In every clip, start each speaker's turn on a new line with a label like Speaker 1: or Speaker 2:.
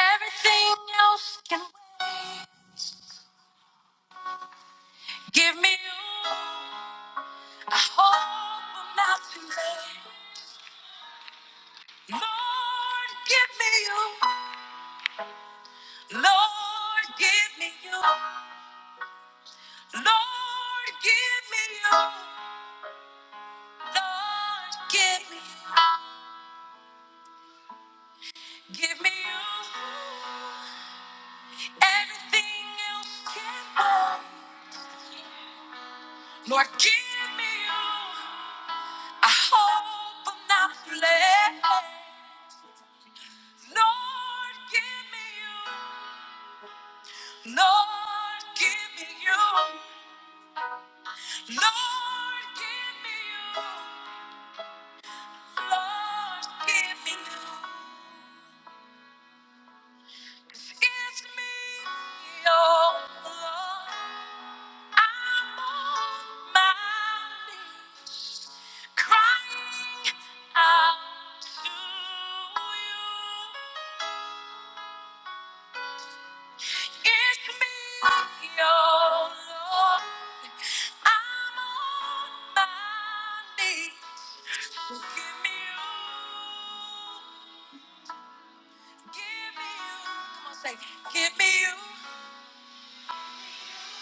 Speaker 1: Everything else can wait. Give me you. I hope I'm not too late. Lord, give me you. Lord, give me you. Lord, give me you. Lord, give me you. Give me you. Everything else can wait. Lord, give me you. I hope I'm not too late. Lord, give me you. Lord, give me you. Lord, give me you. Lord, give me you. It's me, oh Lord. I'm on my knees, crying out to you. It's me, your Lord. I'm on my knees. So give me you. Give me you. Come on, say, give me you.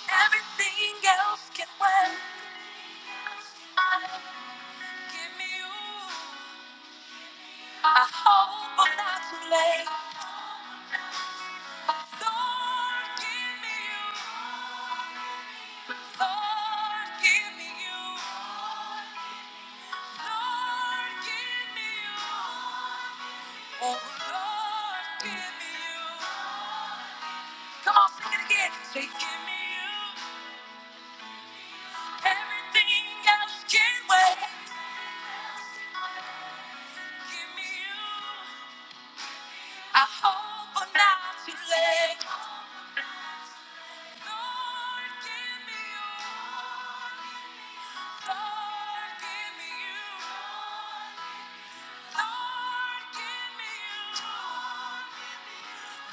Speaker 1: Everything else can wait. Give me you. I hope I'm not too late. Lord, give me you. Lord, give me you. Lord, give me you. Oh, Lord, give me you. Come on, sing it again. Say, give me you. Everything else can wait. Give me you. I hope I'm not too late. Lord, give me you. Lord, give me you. Lord, give me you.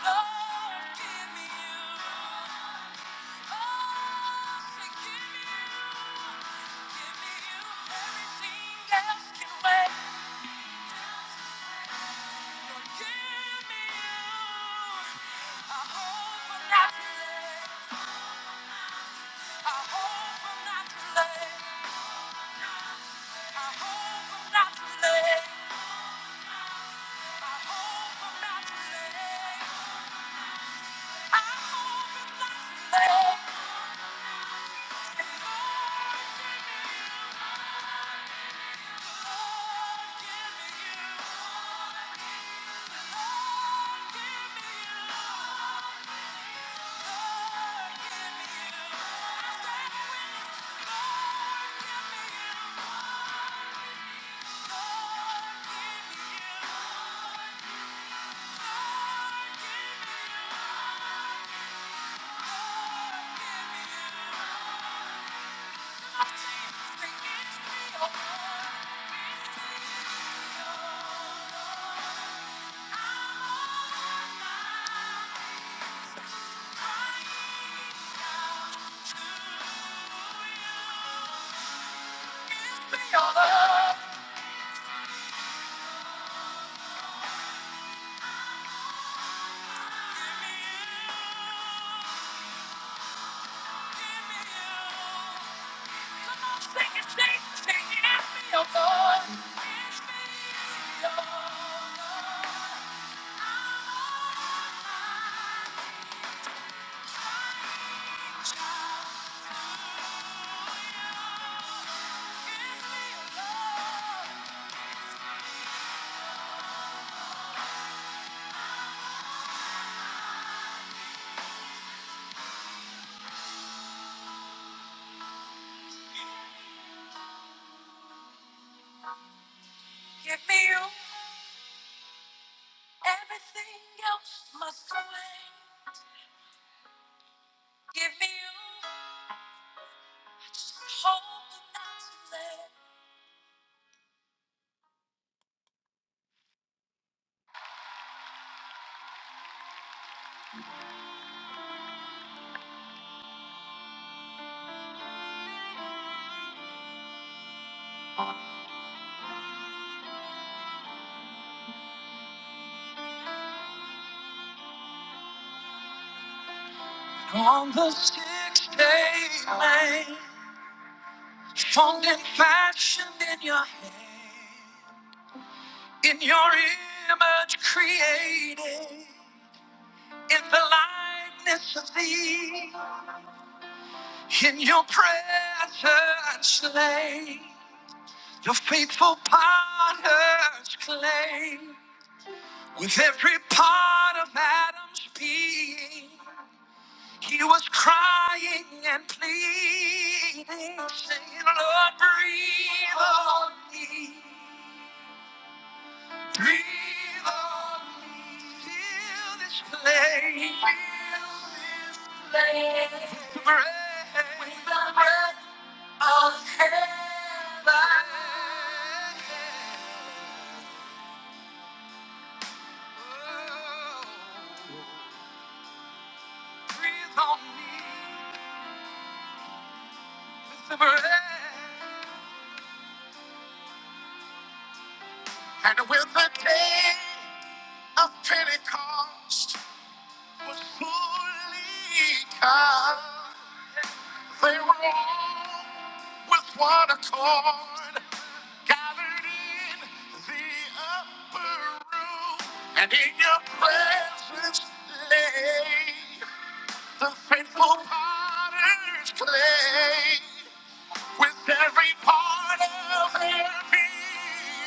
Speaker 1: Lord, give me you. Oh, give me you, give me you. Everything else can wait. Lord, give me you. I hope I'm not too late. I hope I'm not too late. I hope I'm not too late. Thank you. Give me Your love, give me you. Give me you. Everything else must away. Give me you. Hope not to let. On the sixth day, man, formed and fashioned in your hand, in your image created, in the likeness of thee, in your presence lay, the faithful potter's clay, with every part of Adam's being He was crying and pleading, saying, Lord, breathe on me, breathe on me, fill this place, fill this place with breath, with the breath of heaven. Oh, breathe on me with the breath and with the day. of Pentecost was fully come. They were all with one accord, gathered in the upper room, and in your presence lay the faithful potter's clay. With every part of their being,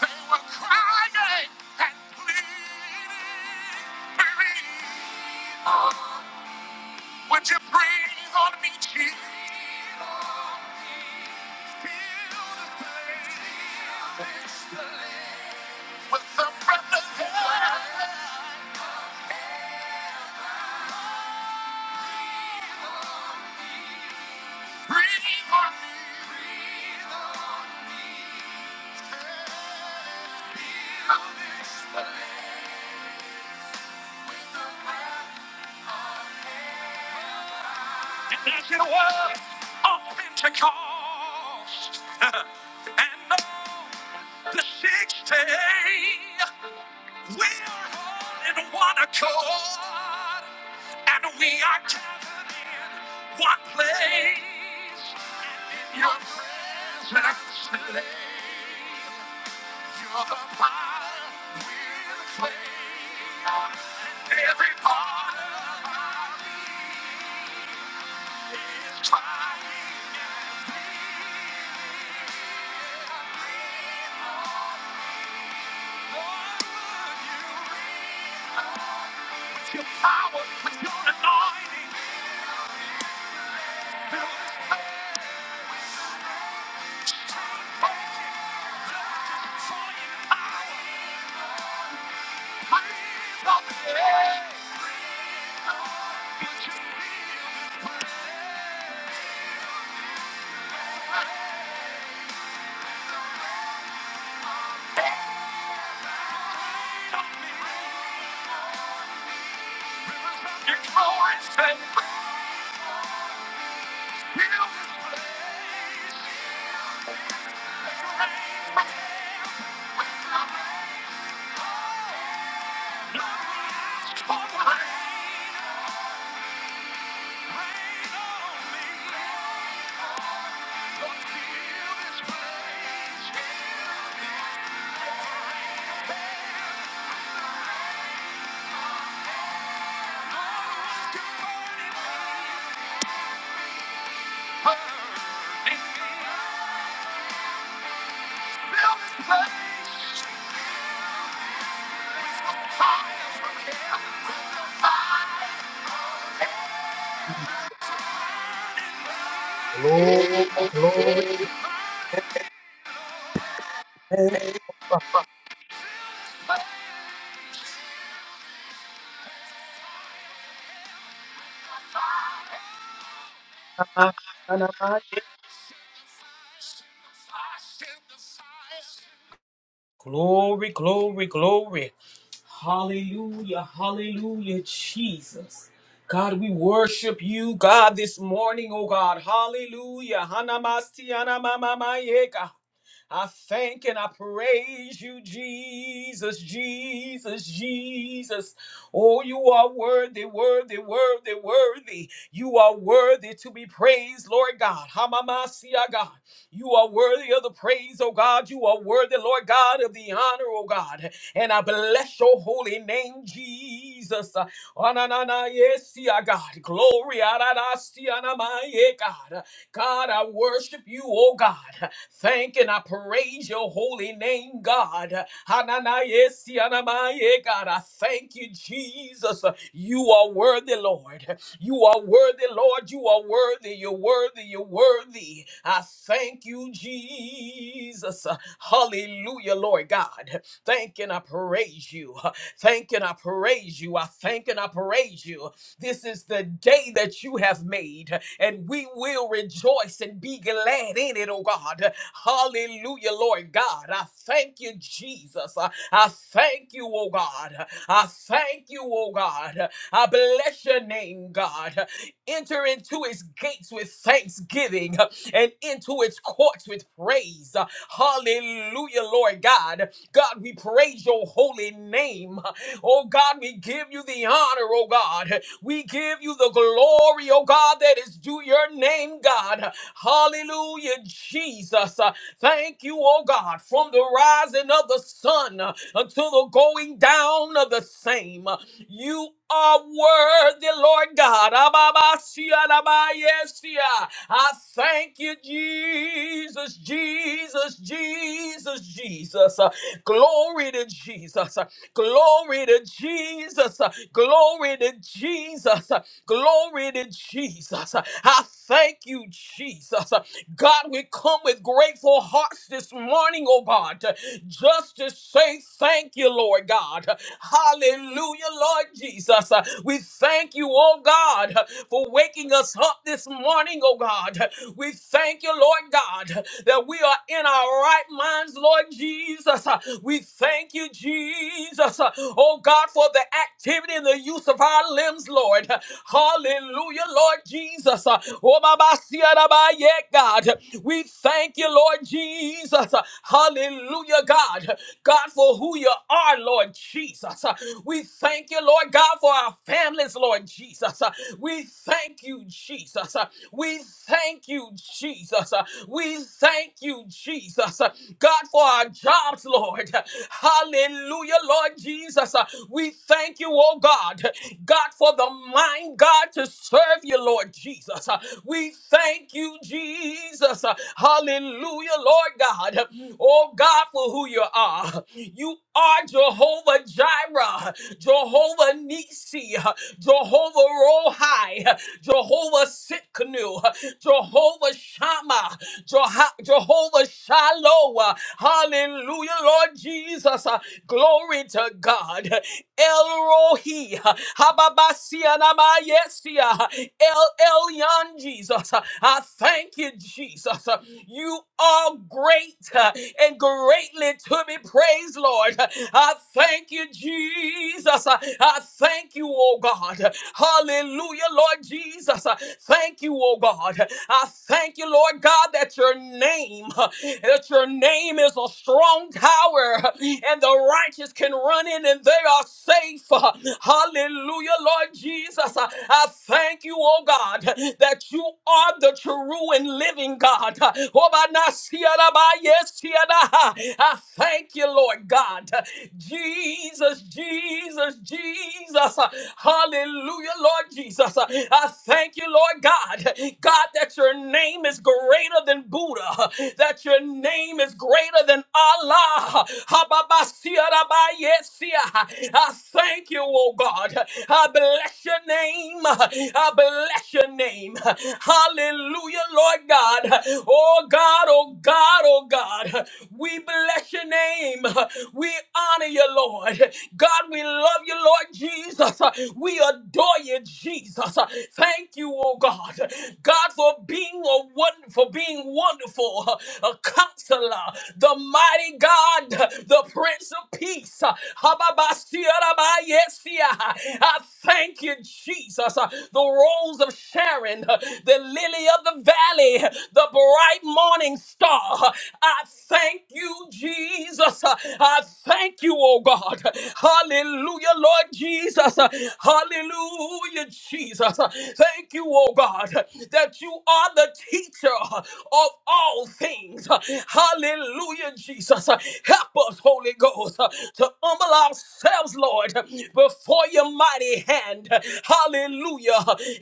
Speaker 1: they were crying and pleading, believe. Would you breathe on me, Jesus? Feel the pain. With the breath of heaven, breathe on me. And there's been a of Pentecost. and on the sixth day, we're all in one accord. And we are gathered in one place. In your presence, lay your power will play. Every part of our being. Your power, with your anointing, fill this place. Power, breathe on the air. Would you feel this place? On me. Your glory, Feel this place. Feel this place.
Speaker 2: Glory, glory,
Speaker 1: Feel the fire.
Speaker 2: glory, glory, glory. Hallelujah, hallelujah, Jesus. God, we worship you, God, this morning, oh God. Hallelujah. I thank and I praise you, Jesus, Jesus, Jesus. Oh, you are worthy, worthy, worthy, worthy. You are worthy to be praised, Lord God. Hamamasia, God. You are worthy of the praise, oh God. You are worthy, Lord God, of the honor, oh God. And I bless your holy name, Jesus. Ananayesia, God. Glory. Ananasia, namaye, God. God, I worship you, oh God. Thank and I praise your holy name, God. Hananayesianamaye, God, I thank you, Jesus. You are worthy, Lord. You are worthy, Lord. You are worthy. You're worthy. You're worthy. I thank you, Jesus. Hallelujah, Lord God. Thank and I praise you. Thank and I praise you. I thank and I praise you. This is the day that you have made, and we will rejoice and be glad in it, oh God. Hallelujah, Lord God. I thank you, Jesus. I I thank you, oh God. I thank you, oh God. I bless your name, God. Enter into its gates with thanksgiving and into its courts with praise. Hallelujah, Lord God. God, we praise your holy name. Oh God, we give you the honor, oh God. We give you the glory, oh God, that is due your name, God. Hallelujah, Jesus. Uh, Thank you, oh God, from the rising of the sun uh, until the going down of the same. Uh, You are worthy, Lord God. Ababasia, dabayesia. I thank you, Jesus, Jesus, Jesus, Jesus. Uh, Glory to Jesus. Glory to Jesus. Glory to Jesus. Glory to Jesus. I thank you, Jesus. God, we come with grateful hearts this morning, oh God, just to say thank you, Lord God. Hallelujah, Lord Jesus. We thank you, oh God, for waking us up this morning, oh God. We thank you, Lord God, that we are in our right minds, Lord Jesus. We thank you, Jesus, oh God, for the activity and the use of our limbs, Lord. Hallelujah, Lord Jesus. Rabasiarabaye, God. We thank you, Lord Jesus. Hallelujah, God. God, for who you are, Lord Jesus. We thank you, Lord God, for our families, Lord Jesus. We thank you, Jesus. We thank you, Jesus. We thank you, Jesus. God, for our jobs, Lord. Hallelujah, Lord Jesus. We thank you, oh God. God, for the mind, God, to serve you you, Lord Jesus. Uh, We thank you, Jesus. Uh, Hallelujah, Lord God. Oh God, for who you are. You are Jehovah Jireh, Jehovah Nisi, Jehovah Rohi, Jehovah Sitkanu, Jehovah Shammah, Jeho- Jehovah Shalom. Hallelujah, Lord Jesus. Glory to God. El Rohi, Yes, El Elyon, Jesus. I thank you, Jesus. You are great uh, and greatly to be praised, Lord. I thank you, Jesus. I thank you, oh God. Hallelujah, Lord Jesus. Thank you, oh God. I thank you, Lord God, that your name, that your name is a strong tower and the righteous can run in and they are safe. Hallelujah, Lord Jesus. I I thank you, oh God, that you are the true and living God. Oh, by na sia da ba, yes, sia da ha. I thank you, Lord God. Jesus, Jesus, Jesus. Hallelujah, Lord Jesus. I thank you, Lord God. God, that your name is greater than Buddha, that your name is greater than Allah. Ha ba ba sia da ba, yes, sia. I thank you, oh God. I bless your name. I bless your name. Hallelujah, Lord God. Oh God, oh God, oh God. We bless your name. We honor you, Lord. God, we love you, Lord Jesus. We adore you, Jesus. Thank you, oh God. God, for being a wonderful, for being wonderful, a counselor, the mighty God, the Prince of Peace peace. uh, I thank you, Jesus. uh, The rose of Sharon, uh, the lily of the valley, the bright morning star. uh, I thank you, Jesus. uh, I thank you, oh God. Hallelujah, Lord Jesus. uh, Hallelujah, Jesus. uh, Thank you, oh God, that you are the teacher of all things. Uh, Hallelujah, Jesus. Uh, Help us, Holy Ghost, uh, to humble ourselves, Lord, uh, before your mighty hand. Hallelujah.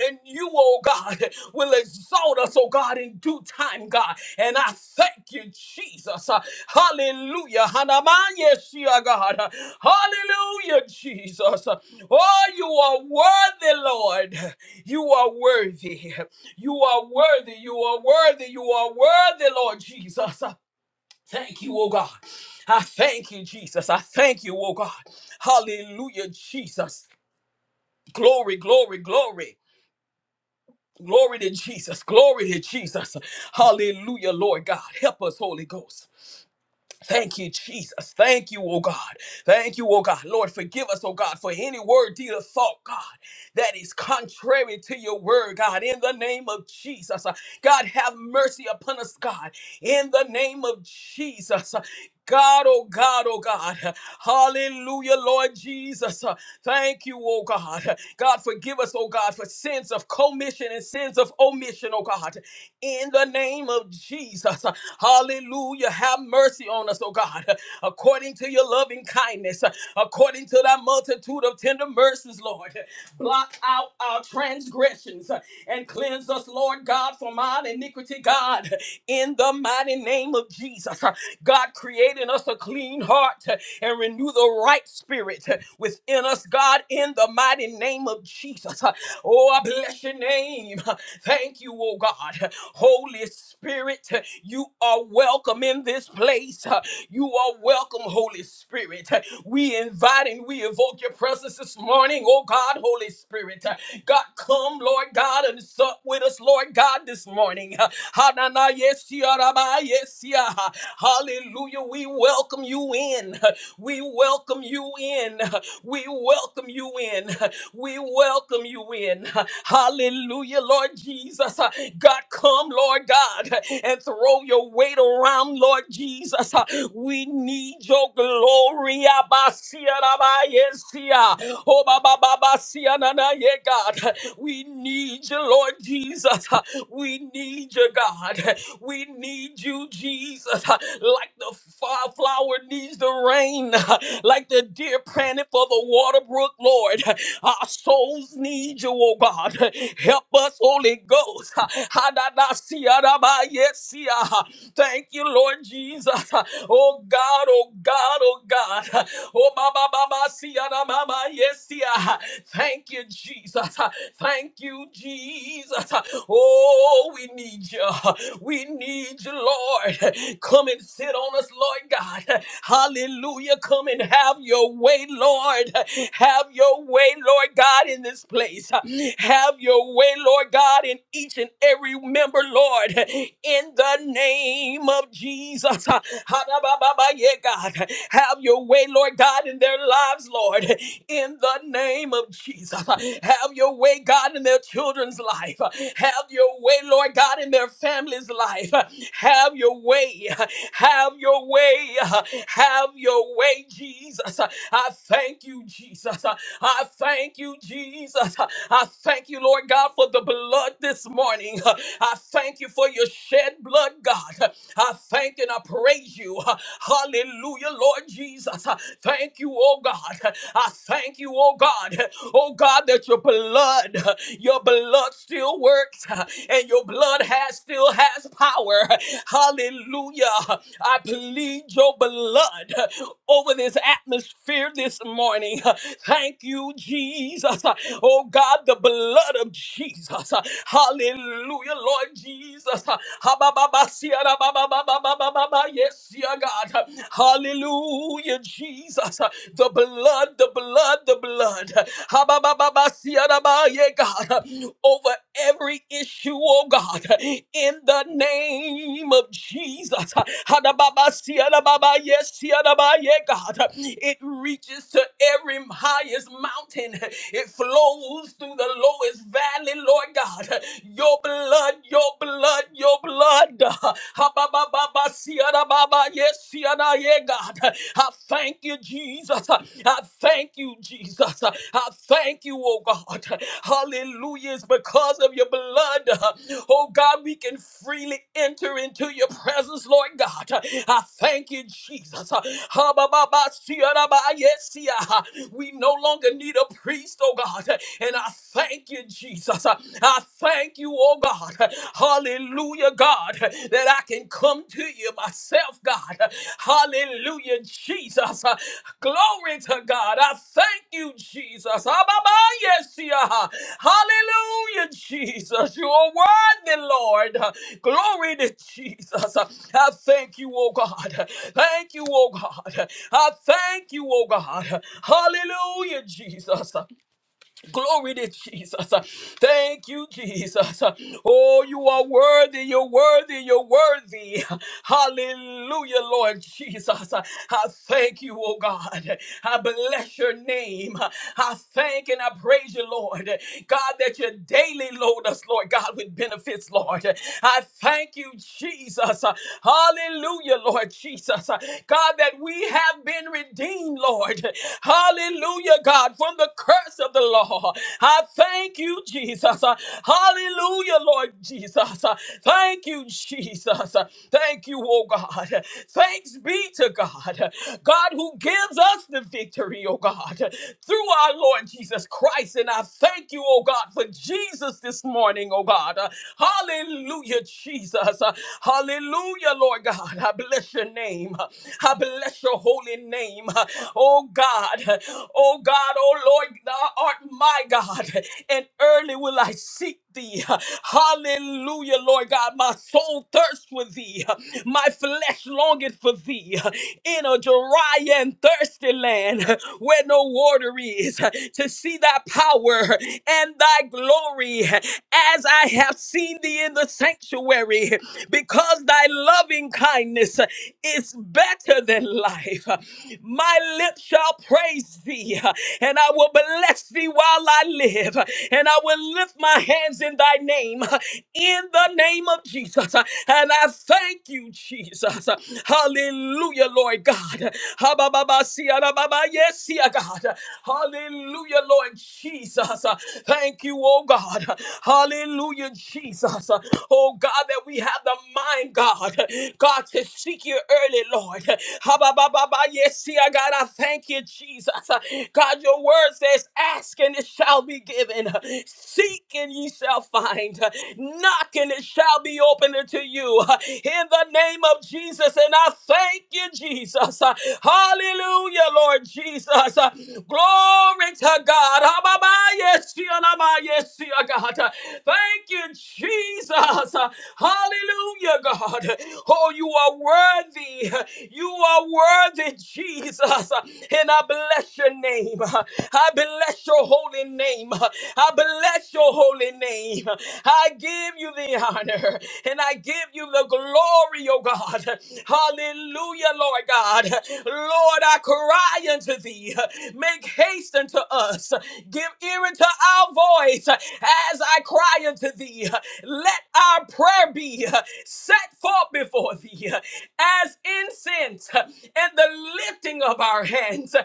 Speaker 2: And you, oh God, will exalt us, oh God, in due time, God. And I thank you, Jesus. Uh, Hallelujah. Hanamanye shia, God. Uh, Hallelujah, Jesus. Uh, Oh, you are worthy, Lord. You are worthy. You are worthy. You are worthy. You are worthy, Lord Jesus. Thank you, oh God. I thank you, Jesus. I thank you, oh God. Hallelujah, Jesus. Glory, glory, glory. Glory to Jesus. Glory to Jesus. Hallelujah, Lord God. Help us, Holy Ghost. Thank you, Jesus. Thank you, oh God. Thank you, oh God. Lord, forgive us, oh God, for any word, deed, or thought, God, that is contrary to your word, God, in the name of Jesus. Uh, God, have mercy upon us, God, in the name of Jesus. Uh, God, oh God, oh God. Hallelujah, Lord Jesus. Uh, Thank you, oh God. God, forgive us, oh God, for sins of commission and sins of omission, oh God in the name of Jesus. Hallelujah. Have mercy on us, oh God, according to your loving kindness, according to thy multitude of tender mercies, Lord. blot out our transgressions and cleanse us, Lord God, from our iniquity, God, in the mighty name of Jesus. God, create in us a clean heart and renew the right spirit within us, God, in the mighty name of Jesus. Oh, I bless your name. Thank you, oh God. God. Holy Spirit, you are welcome in this place. You are welcome, Holy Spirit. We invite and we evoke your presence this morning, oh God, Holy Spirit. God, come, Lord God, and sup with us, Lord God, this morning. Hanana, yes, ya, rabba, yes, ya. Hallelujah. We welcome you in. We welcome you in. We welcome you in. We welcome you in. Hallelujah, Lord Jesus. Jesus. Uh, God, come, Lord God, and throw your weight around, Lord Jesus. Uh, We need your glory. Abasiarabayesia. Oh, ba, ba, ba, ba, siananaye, God. We need you, Lord Jesus. Uh, We need you, God. We need you, Jesus. Like the f- flower needs the rain, like the deer panted for the water brook, Lord. Our souls need you, oh God. Help us, Holy Holy Ghost. Hadadasiarabayesia. Thank you, Lord Jesus. Oh God, oh God, oh God. Oh Baba Baba Siana Mama Yesia. Thank you, Jesus. Thank you, Jesus. Oh, we need you. We need you, Lord. Come and sit on us, Lord God. Hallelujah. Come and have your way, Lord. Have your way, Lord God, in this place. Have your way, Lord God, in each and every member, Lord, in the name of Jesus. Ha, ha, ba, ba, ba, Yeah, God, have your way, Lord God, in their lives, Lord, in the name of Jesus. Have your way, God, in their children's life. Have your way, Lord God, in their family's life. Have your way. Have your way. Have your way, Jesus. I thank you, Jesus. I thank you, Jesus. I thank you, Lord. Lord God, for the blood this morning. I thank you for your shed blood, God. I thank and I praise you. Hallelujah, Lord Jesus. Thank you, oh God. I thank you, oh God. Oh God, that your blood, your blood still works and your blood has still has power. Hallelujah. I plead your blood over this atmosphere this morning. Thank you, Jesus. Oh God, the blood of Jesus. Hallelujah, Lord Jesus. Ha-ba-ba-ba-sia-da-ba-ba-ba-ba-ba-ba-ba. Yes, dear God. Hallelujah, Jesus. The blood, the blood, the blood. Ha-ba-ba-ba-ba-sia-da-ba. Yeah, God. Over every issue, oh God. In the name of Jesus. Ha-da-ba-ba-sia-da-ba-ba. Yes, dear God. yeah, God. It reaches to every highest mountain. It flows moves through the lowest valley, Lord God. Your blood, your blood, your blood. Ha, ba, ba, ba, ba, siada, ba, ba, Yes, siada, yeah, God. I thank you, Jesus. I thank you, Jesus. I thank you, oh God. Hallelujah. It's because of your blood. Oh God, we can freely enter into your presence, Lord God. I thank you, Jesus. Ha, ba, ba, ba, siada, ba, yes, yeah. We no longer need a priest, oh God. God. And I thank you, Jesus. I thank you, oh God. Hallelujah, God, that I can come to you myself, God. Hallelujah, Jesus. Glory to God. I thank you, Jesus. Ababayesia. Hallelujah, Jesus. You are worthy, Lord. Glory to Jesus. I thank you, oh God. Thank you, oh God. I thank you, oh God. Hallelujah, Jesus. Glory to Jesus. Thank you, Jesus. Oh, you are worthy. You're worthy. You're worthy. Hallelujah, Lord Jesus. I thank you, oh God. I bless your name. I thank and I praise you, Lord. God, that you daily load us, Lord God, with benefits, Lord. I thank you, Jesus. Hallelujah, Lord Jesus. God, that we have been redeemed, Lord. Hallelujah, God, from the curse of the law. I thank you, Jesus. Hallelujah, Lord Jesus. Thank you, Jesus. Thank you, oh God. Thanks be to God. God who gives us the victory, oh God, through our Lord Jesus Christ. And I thank you, oh God, for Jesus this morning, oh God. Hallelujah, Jesus. Hallelujah, Lord God. I bless your name. I bless bless your holy name. Oh God, oh God, oh Lord, thou art my God, and early will I seek thee. Hallelujah, Lord God. My soul thirsts for thee, my flesh longeth for thee in a dry and thirsty land where no water is, to see thy power and thy glory as I have seen thee in the sanctuary, because thy love loving kindness is better than life. My lips shall praise thee, and I will bless thee while I live, and I will lift my hands in thy name, in the name of Jesus. And I thank you, Jesus. Hallelujah, Lord God. Ha-ba-ba-ba-sia-ra-ba-ba. Yes, yeah, God. Hallelujah, Lord Jesus. Thank you, oh God. Hallelujah, Jesus. Oh God, that we have the mind, God, God, to seek you early, Lord. Ha-ba-ba-ba-ba, Yes, see, I God, I thank you, Jesus. God, your word says, ask and it shall be given. Seek and ye shall find. Knock and it shall be opened unto you. In the name of Jesus, and I thank you, Jesus. Hallelujah, Lord Jesus. Glory to God. Ha-ba-ba, Yes, see, ah, na, ba, yes, God. Thank you, Jesus. Hallelujah, God. Oh, you are worthy. You are worthy, Jesus. And I bless your name. I bless your holy name. I bless your holy name. I give you the honor and I give you the glory, oh God. Hallelujah, Lord God. Lord, I cry unto thee. Make haste unto us voice. Give ear unto our voice as I cry unto thee. Let our prayer be set forth before thee as incense and the lifting of our hands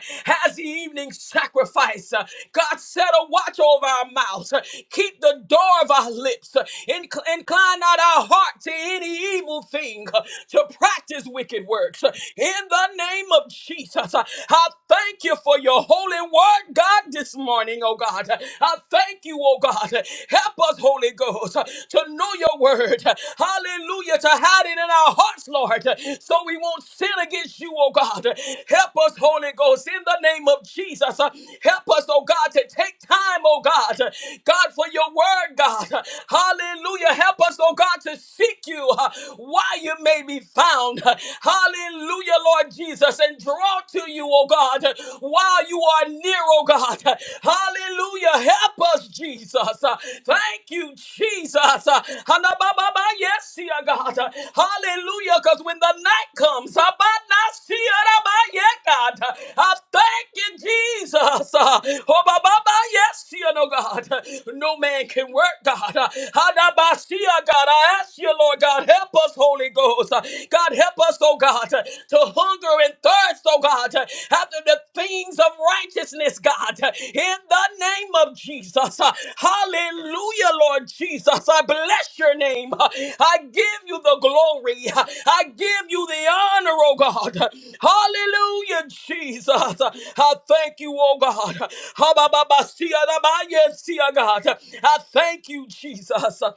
Speaker 2: as the evening sacrifice. God set a watch over our mouths. Keep the door of our lips. Inc- Incline not our heart to any evil thing, to practice wicked works. In the name of Jesus, I thank you for your holy word, God, this morning, oh God. I thank you, oh God. Help us, Holy Ghost, to know your word. Hallelujah. To hide it in our hearts, Lord, so we won't sin against you, oh God. Help us, Holy Ghost, in the name of Jesus. Help us, oh God, to take time, oh God. God, for your word, God. Hallelujah. Help us, oh God, to seek you uh, while you may be found. Hallelujah. Hallelujah, Lord Jesus, and draw to you, oh God, while you are near, oh God. Hallelujah. Help us, Jesus. Thank you, Jesus. Hanabababa, Yes, dear God. Hallelujah. Because when the night comes, Abanasiaraba, yeah, God. I thank you, Jesus. Oh, bababa, yes, dear, no God. No man can work, God. Hanabasia, God. I ask you, Lord God, help us, us, Holy Ghost. Uh, God, help us, oh God, uh, to hunger and thirst, oh God, uh, after the things of righteousness, God, uh, in the name of Jesus. Uh, Hallelujah, Lord Jesus. I bless your name. Uh, I give you the glory. Uh, I give you the honor, oh God. Uh, Hallelujah, Jesus. Uh, I thank you, oh God. Uh, Habababasiya, Dabayesia, God. Uh, I thank you, Jesus.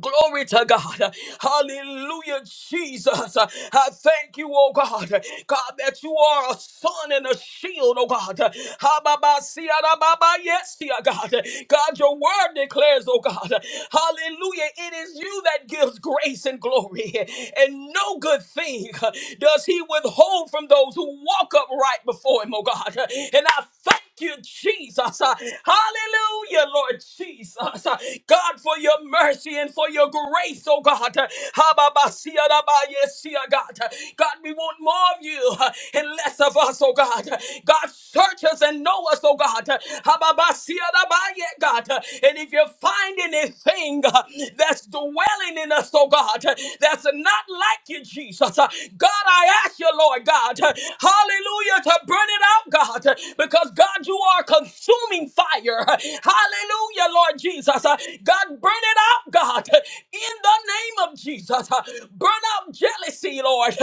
Speaker 2: Glory to God. Hallelujah, Jesus. I thank you, oh God. God, that you are a sun and a shield, oh God. Ha-ba-ba-si-ya-da-ba-ba. Yes, dear God. God, your word declares, oh God. Hallelujah. It is you that gives grace and glory. And no good thing does he withhold from those who walk upright before him, oh God. And I thank you, Jesus. Uh, Hallelujah, Lord Jesus. Uh, God, for your mercy and for your grace, oh God. Uh, Hababasiyadabayesia, God, Uh, God, we want more of you uh, and less of us, oh God. Uh, God, search us and know us, oh God. Uh, Hababasiyadabaye, God. Uh, And if you find anything uh, that's dwelling in us, oh God, uh, that's not like you, Jesus. Uh, God, I ask you, Lord God, uh, hallelujah, to burn it out, God because God, you are consuming fire. Hallelujah, Lord Jesus. Uh, God, burn it out, God, in the name of Jesus. Uh, Burn out jealousy, Lord.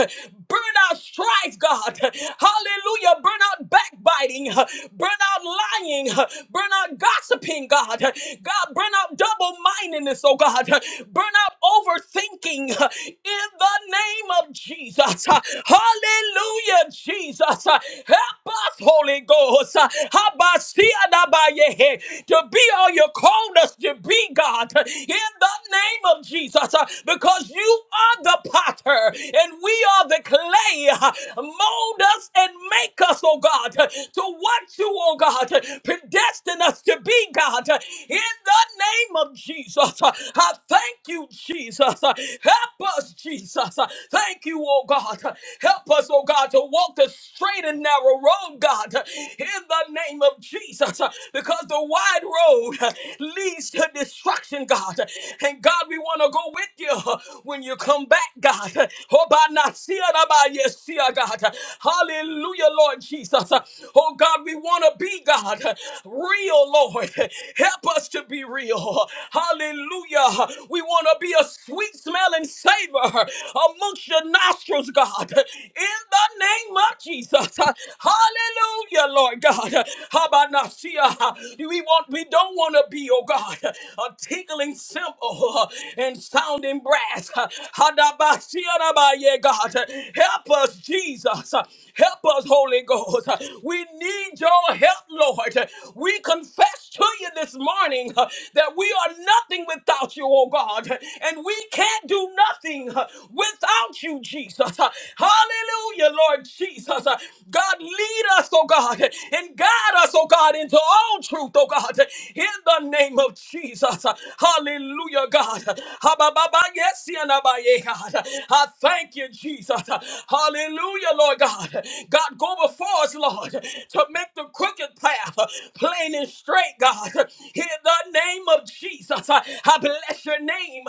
Speaker 2: Burn out strife, God. Hallelujah. Burn out backbiting. Burn out lying. Burn out gossiping, God. God, burn out double mindedness, oh God. Burn out overthinking in the name of Jesus. Hallelujah, Jesus. Help us, Holy Ghost. Uh, Habasiadabayehe, To be all you called us to be, God, in the name of Jesus, uh, because you are the potter and we are the clay. Uh, Mold us and make us, oh God, uh, to what you, oh God, uh, predestined us to be, God, uh, in the name of Jesus. Uh, I thank you, Jesus. Uh, Help us, Jesus. Uh, Thank you, oh God. Uh, Help us, oh God, to walk the straight and narrow road, God, in the name of Jesus, because the wide road leads to destruction, God. And God, we want to go with you when you come back, God. Oh, by not see it, by yes, see it, God. Hallelujah, Lord Jesus. Oh, God, we want to be, God, real, Lord. Help us to be real. Hallelujah. We want to be a sweet smelling savor amongst your nostrils, God. In the name of Jesus. God. Hallelujah, Lord God. Habanasia. We want we don't want to be, oh God, a tinkling cymbal and sounding brass. Hadabasiarabaye, God. Help us, Jesus. Help us, Holy Ghost. We need your help, Lord. We confess confess to you this morning uh, that we are nothing without you, oh God, and we can't do nothing uh, without you, Jesus. Uh, Hallelujah, Lord Jesus. Uh, God, lead us, oh God, and guide us, oh God, into all truth, oh God, in the name of Jesus. Uh, Hallelujah, God. Ha-ba-ba-ba, yes, yeah, na-ba, yeah, God. I thank you, Jesus. Hallelujah, Lord God. God, God, go before us, Lord, to make the crooked path plain and straight, God. In the name of Jesus, I I bless your name.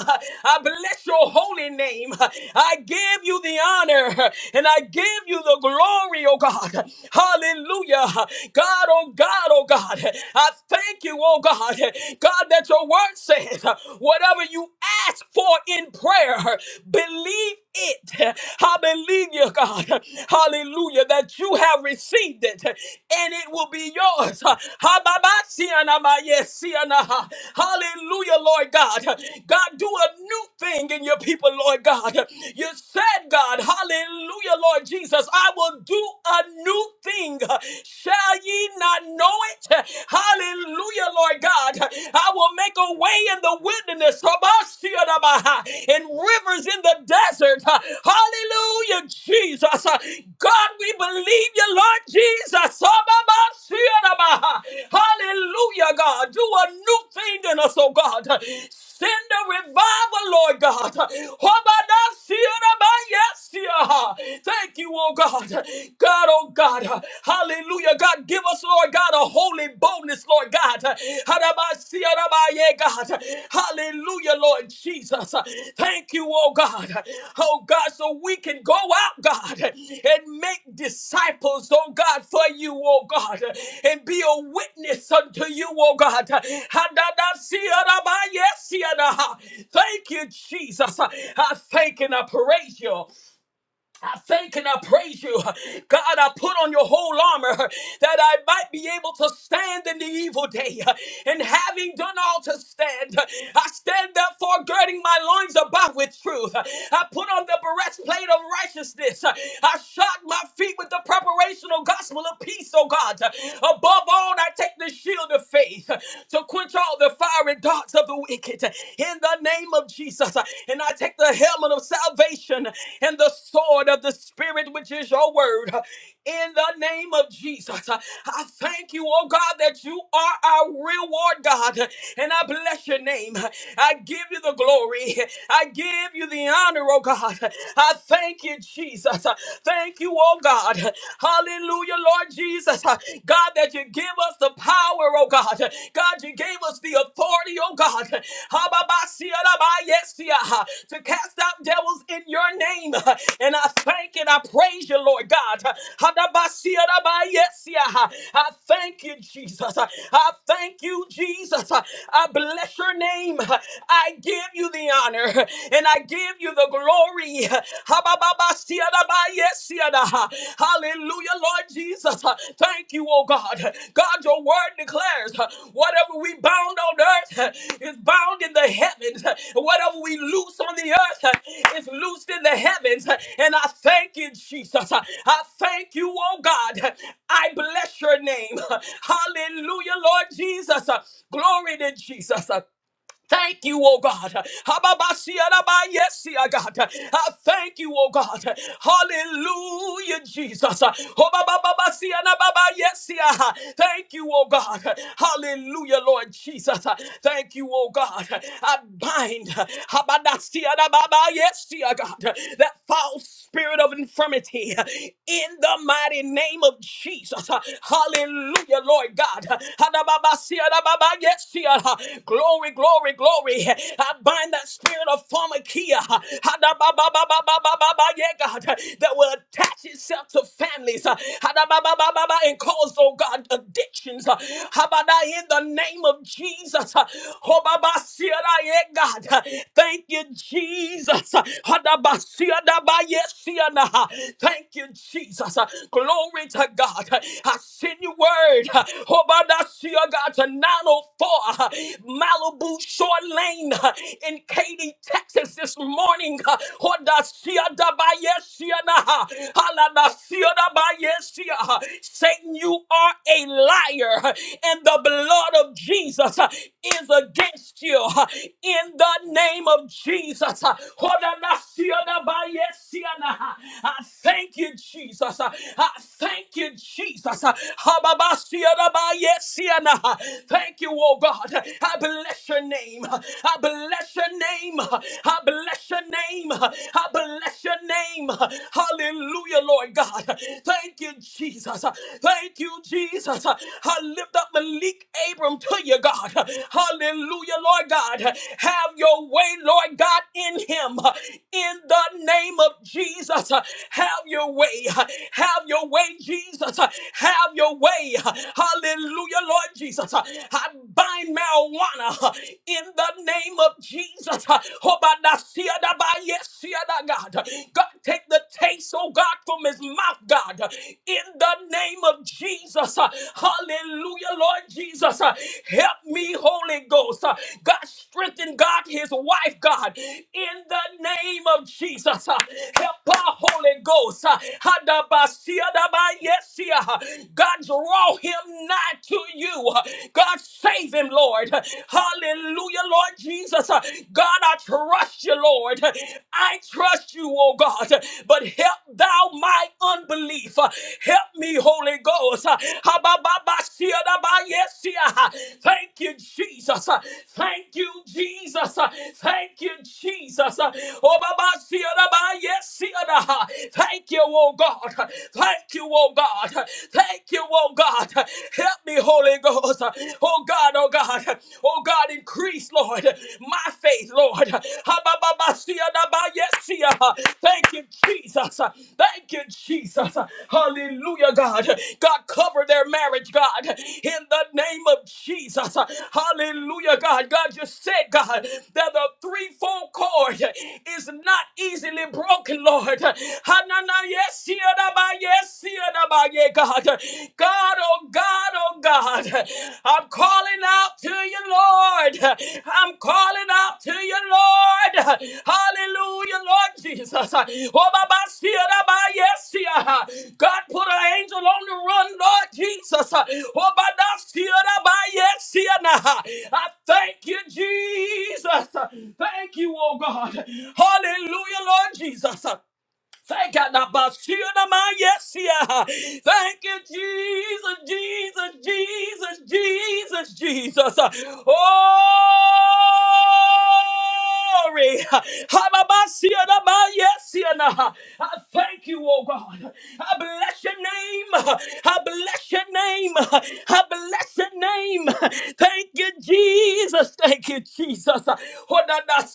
Speaker 2: I bless your holy name. I give you the honor and I give you the glory, oh God. Hallelujah. God, oh God, oh God. I thank you, oh God. God, that your word says, whatever you ask for in prayer, believe it. Hallelujah, God. Hallelujah, that you have received it and it will be yours. Ha-ba-ba-si-ana-ma-yes-si-ana. Hallelujah, Lord God. God, do a new thing in your people, Lord God. You said, God, hallelujah, Lord Jesus, I will do a new thing. Shall ye not know it? Hallelujah, Lord God. I will make make a way in the wilderness, Habashiyadabaha, and rivers in the desert. Hallelujah, Jesus. God, we believe you, Lord Jesus. Hallelujah, God. Do a new thing in us, oh God. Send a revival, Lord God. Habashiyadabaha. Thank you, oh God. God, oh God. Hallelujah. God, give us, Lord God, a holy boldness, Lord God. Harabasiarabaye, God. Hallelujah, Lord Jesus. Thank you, oh God. Oh God, so we can go out, God, and make disciples, oh God, for you, oh God, and be a witness unto you, oh God. Hadadasiarabaye, siaraha. Thank you, Jesus. I thank and I praise you. I thank and I praise you. God, I put on your whole armor that I might be able to stand in the evil day. And having done all to stand, I stand therefore girding my loins about with truth. I put on the breastplate of righteousness. I shod my feet with the preparational gospel of peace, oh God. Above all, I take the shield of faith to quench all the fiery darts of the wicked in the name of Jesus. And I take the helmet of salvation and the sword of the Spirit, which is your word, in the name of Jesus. I thank you, oh God, that you are our reward, God. And I bless your name. I give you the glory. I give you the honor, oh God. I thank you, Jesus. Thank you, oh God. Hallelujah, Lord Jesus. God, God, that you give us the power, oh God. God, you gave us the authority, oh God. Hababasiyadabayesia, To cast out devils in your name. And I thank and I praise you, Lord God. Hadabasiyadabayesia. I thank you, Jesus. I thank you, Jesus. I bless your name. I give you the honor and I give you the glory. Hallelujah, Lord Jesus. Thank you, oh God. God, your word declares whatever we bound on earth is bound in the heavens. Whatever we loose on the earth is loosed in the heavens. And I thank you, Jesus. I thank you, oh God. I bless your name. Hallelujah, Lord Jesus. Glory to Jesus. Thank you, oh God. Hababasiaraba, Yes, yeah, God. I thank you, oh God. Hallelujah, Jesus. Hobabababasianababa, Yes, yeah. Thank you, oh God. Hallelujah, Lord Jesus. Thank you, oh God. I bind habadasianababa, yes, yeah, God, that false spirit of infirmity in the mighty name of Jesus. Hallelujah, Lord God. Hadababasianababa, Yes, yeah. Glory, glory, glory. I bind that spirit of pharmakia Ha-da-ba-ba-ba-ba-ba-ba-ba, yeah, God, that will attach itself to families uh, ba ba ba ba ba and cause, oh God, addictions. uh, da In the name of Jesus. uh, ho ba ba yeah, God. Uh, Thank you, Jesus. Uh, ba sia da ba yes sia na Thank you, Jesus. Uh, Glory to God. Uh, I send you word. uh, Ho-ba-da-sia, God, tonight. 904 Malibu Shore Lane uh, in Katy, Texas this morning. Honda Sia da Halada Sia Bayesia. Satan, you are a liar, uh, and the blood of Jesus uh, is against you uh, in the name of Jesus. Honda Sia da I thank you, Jesus. uh, I thank you, Jesus. Hababa Siada Yesiana. Thank you, oh God. I bless your name. I bless your name. I bless your name. I bless your name. Hallelujah, Lord God. Thank you, Jesus. Thank you, Jesus. I lift up Malik Abram to you, God. Hallelujah, Lord God. Have your way, Lord God, in him. In the name of Jesus, have your way. Have your way, Jesus. Have your way today. Hallelujah, Lord Jesus. I bind marijuana in the name of Jesus. God, God, take the taste, oh God, from his mouth, God, in the name of Jesus. Hallelujah, Lord Jesus. Help me, Holy Ghost. God, strengthen God, his wife, God, in the name of Jesus. Help our Holy Ghost. God, draw him nigh to you. God, save him, Lord. Hallelujah, Lord Jesus. God, I trust you, Lord. I trust you, oh God. But help thou my unbelief. Help me, Holy Ghost. Thank you, Jesus. Thank you, Jesus. Thank you, Jesus. Oh, Baba, yes, Thank you, oh God. Thank you, oh God. Thank you, oh God. Help me, Holy Ghost. Oh God, oh God. Oh God, increase, Lord, my faith, Lord. Thank you, Jesus. Thank you, Jesus. Hallelujah, God. God, cover their marriage, God, in the name of Jesus. Hallelujah, God. God just said, God, that the threefold cord is not easily broken, Lord yes, Yadaba, yes, Yadaba, yeah, God. God, oh God, oh God. I'm calling out to you, Lord. I'm calling out to you, Lord. Hallelujah, Lord Jesus. Oh, Baba, see Yadaba, yes, yeah. God, put an angel on the run, Lord Jesus. Oh, Baba, see Yadaba, yes, yeah, nah. I thank you, Jesus. Thank you, oh God. Hallelujah, Lord Jesus. Thank you, Nabashirama. Yes, yeah. Thank you, Jesus, Jesus, Jesus, Jesus, Jesus. Oh, glory. Hababashirama. Yes, yeah. nah. I thank you, oh God. I bless your name. I bless your name. I bless your name. Thank you, Jesus. Thank you, Jesus. Have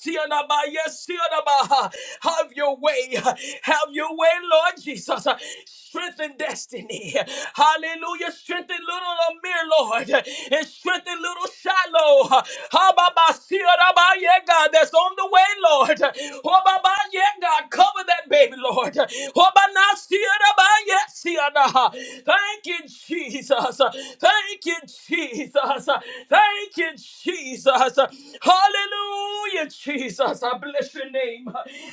Speaker 2: your way. Have your way, Lord Jesus. Strengthen destiny. Hallelujah. Strengthen little Amir, Lord. And strengthen little Shiloh. Hababasiyadabaye, God, that's on the way, Lord. Hobabaye, God, cover that baby, Lord. Hobanasiyadabaye, siyada. Thank you, Jesus. Thank you, Jesus. Jesus. Thank you, Jesus. Hallelujah, Jesus. I bless your name.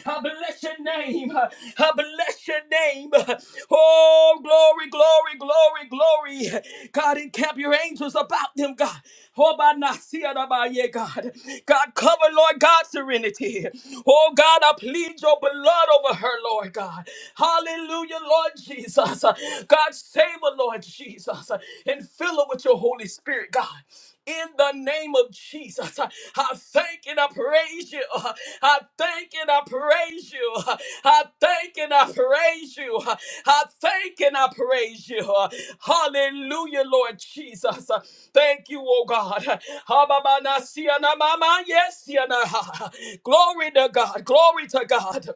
Speaker 2: I bless your name. I bless your name. Oh, glory, glory, glory, glory. God, encamp your angels about them, God. Oh, by Nasia, by ye, God. God, cover, Lord God, serenity. Oh, God, I plead your blood over her, Lord God. Hallelujah, Lord Jesus. God, save her, Lord Jesus, and fill her with your Holy Spirit, God in the name of Jesus. I thank and I. I praise you. I thank and I praise you. I thank and I praise you. I thank and I praise you. Hallelujah, Lord Jesus. Thank you, oh God. Habamana siana mama, Yes, siana. Glory to God. Glory to God.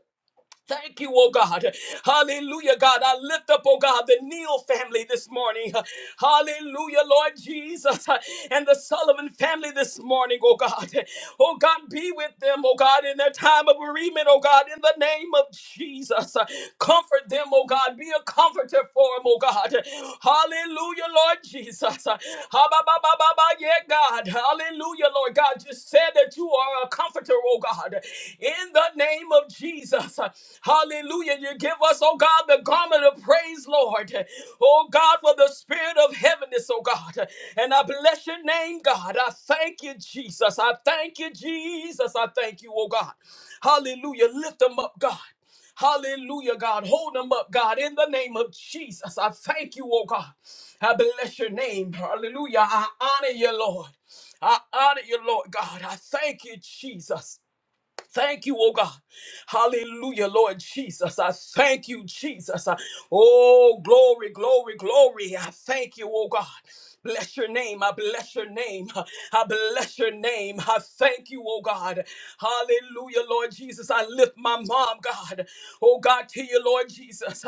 Speaker 2: Thank you, oh God. Hallelujah, God. I lift up, oh God, the Neal family this morning. Hallelujah, Lord Jesus. And the Sullivan family this morning, oh God. Oh God, be with them, oh God, in their time of bereavement, oh God, in the name of Jesus. Comfort them, oh God. Be a comforter for them, oh God. Hallelujah, Lord Jesus. Ha, ba, ba, ba, ba, ba, Yeah, God. Hallelujah, Lord God. Just said that you are a comforter, oh God. In the name of Jesus. Hallelujah. You give us, oh God, the garment of praise, Lord. Oh God, for the spirit of heaviness, oh God. And I bless your name, God. I thank you, Jesus. I thank you, Jesus. I thank you, oh God. Hallelujah. Lift them up, God. Hallelujah, God. Hold them up, God, in the name of Jesus. I thank you, oh God. I bless your name. Hallelujah. I honor you, Lord. I honor you, Lord God. I thank you, Jesus. Thank you, oh God. Hallelujah, Lord Jesus. I thank you, Jesus. I- oh, glory, glory, glory. I thank you, oh God. Bless your name. I bless your name. I bless your name. I thank you, oh God. Hallelujah, Lord Jesus. I lift my mom, God. Oh God, to you, Lord Jesus.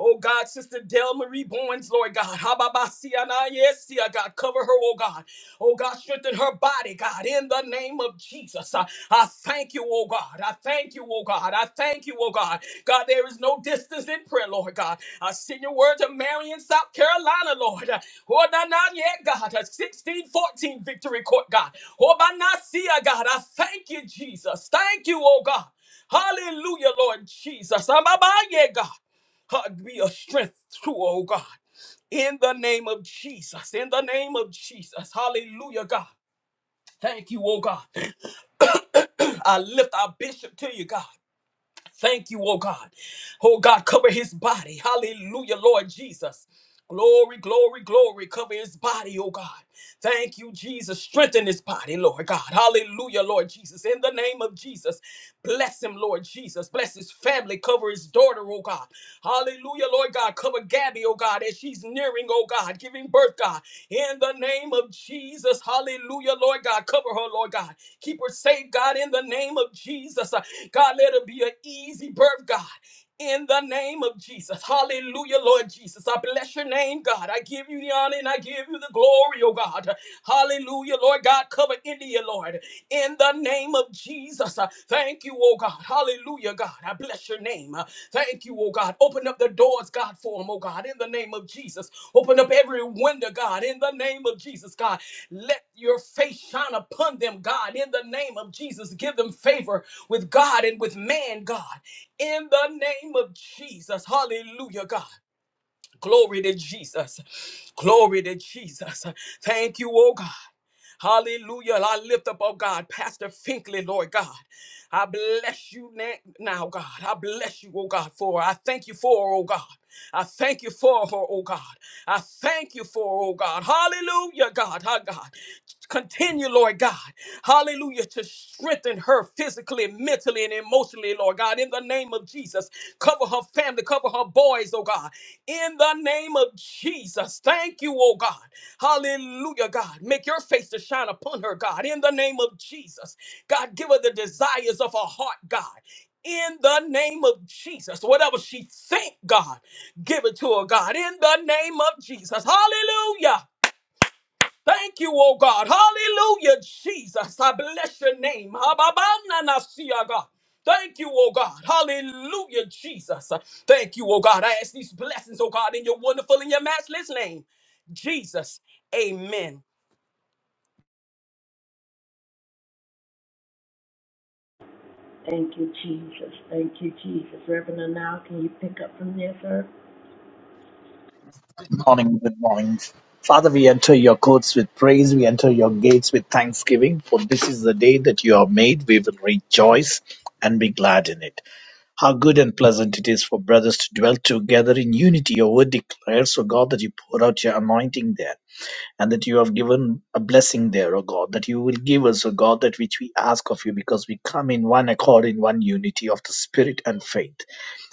Speaker 2: Oh God, Sister Del Marie Bowens, Lord God. Hababasiana, yes, dear God over her, oh God. Oh God, strengthen her body, God, in the name of Jesus. I, I thank you, oh God. I thank you, oh God. I thank you, oh God. God, there is no distance in prayer, Lord God. I send your word to Marion, South Carolina, Lord. Oh, not, not yet, God. A 16 fourteen victory court, God. Oh, by not see, uh, God. I thank you, Jesus. Thank you, oh God. Hallelujah, Lord Jesus. I'm about, yeah, God. Uh, Be a strength too, oh God in the name of Jesus, in the name of Jesus. Hallelujah, God. Thank you, oh God. I lift our bishop to you, God. Thank you, oh God. Oh God, cover his body. Hallelujah, Lord Jesus. Glory, glory, glory. Cover his body, oh God. Thank you, Jesus. Strengthen his body, Lord God. Hallelujah, Lord Jesus. In the name of Jesus, bless him, Lord Jesus. Bless his family. Cover his daughter, oh God. Hallelujah, Lord God. Cover Gabby, oh God, as she's nearing, oh God, giving birth, God. In the name of Jesus, hallelujah, Lord God. Cover her, Lord God. Keep her safe, God, in the name of Jesus. Uh, God, let her be an easy birth, God in the name of Jesus. Hallelujah, Lord Jesus. I bless your name, God. I give you the honor and I give you the glory, oh God. Hallelujah, Lord God. Cover India, Lord, in the name of Jesus. Thank you, oh God. Hallelujah, God. I bless your name. Thank you, oh God. Open Open up the doors, God, for them, oh God, in the name of Jesus. Open up every window, God, in the name of Jesus, God. Let your face shine upon them, God, in the name of Jesus. Give them favor with God and with man, God, in the name of Jesus. Hallelujah, God. Glory to Jesus. Glory to Jesus. Thank you, oh God. Hallelujah. I lift up, oh God, Pastor Finkley, Lord God. I bless you na- now, God. I bless you, oh God, for her. I thank you for her, oh God. I thank you for her, oh God. I thank you for, her, oh God. Hallelujah, God. Our God. Continue, Lord God. Hallelujah, to strengthen her physically, mentally, and emotionally, Lord God, in the name of of Jesus. Cover her family, cover her boys, oh God. In the name of Jesus, thank you, oh God. Hallelujah, God. Make your face to shine upon her, God. In the name of Jesus, God, give her the desires of her heart, God. In the name of Jesus, whatever she think, God, give it to her, God. In the name of Jesus, Hallelujah. Thank you, oh God. Hallelujah, Jesus. I bless your name. Hababananasia, God. Thank you, oh God. Hallelujah, Jesus. Thank you, oh God. I ask these blessings, oh God, in your wonderful and your matchless name. Jesus. Amen
Speaker 3: Thank you, Jesus. Thank you, Jesus. Reverend, now can you pick up from there, sir?
Speaker 4: morning, good morning. Father, we enter your courts with praise. We enter your gates with thanksgiving. For this is the day that you have made. We will rejoice and be glad in it. How good and pleasant it is for brothers to dwell together in unity. Your word declares, O God, that you pour out your anointing there and that you have given a blessing there, O God, that you will give us, O God, that which we ask of you because we come in one accord, in one unity of the Spirit and faith.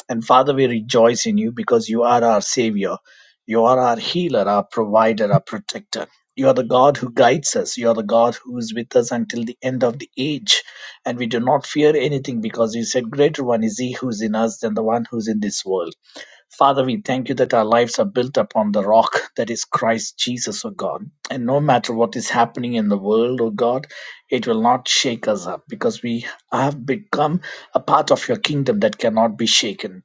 Speaker 4: And Father, we rejoice in you because you are our Savior. You are our healer, our provider, our protector. You are the God who guides us. You are the God who is with us until the end of the age. And we do not fear anything because you said, Greater one is he who is in us than the one who is in this world. Father, we thank you that our lives are built upon the rock that is Christ Jesus, O God. And no matter what is happening in the world, O God, it will not shake us up because we have become a part of your kingdom that cannot be shaken.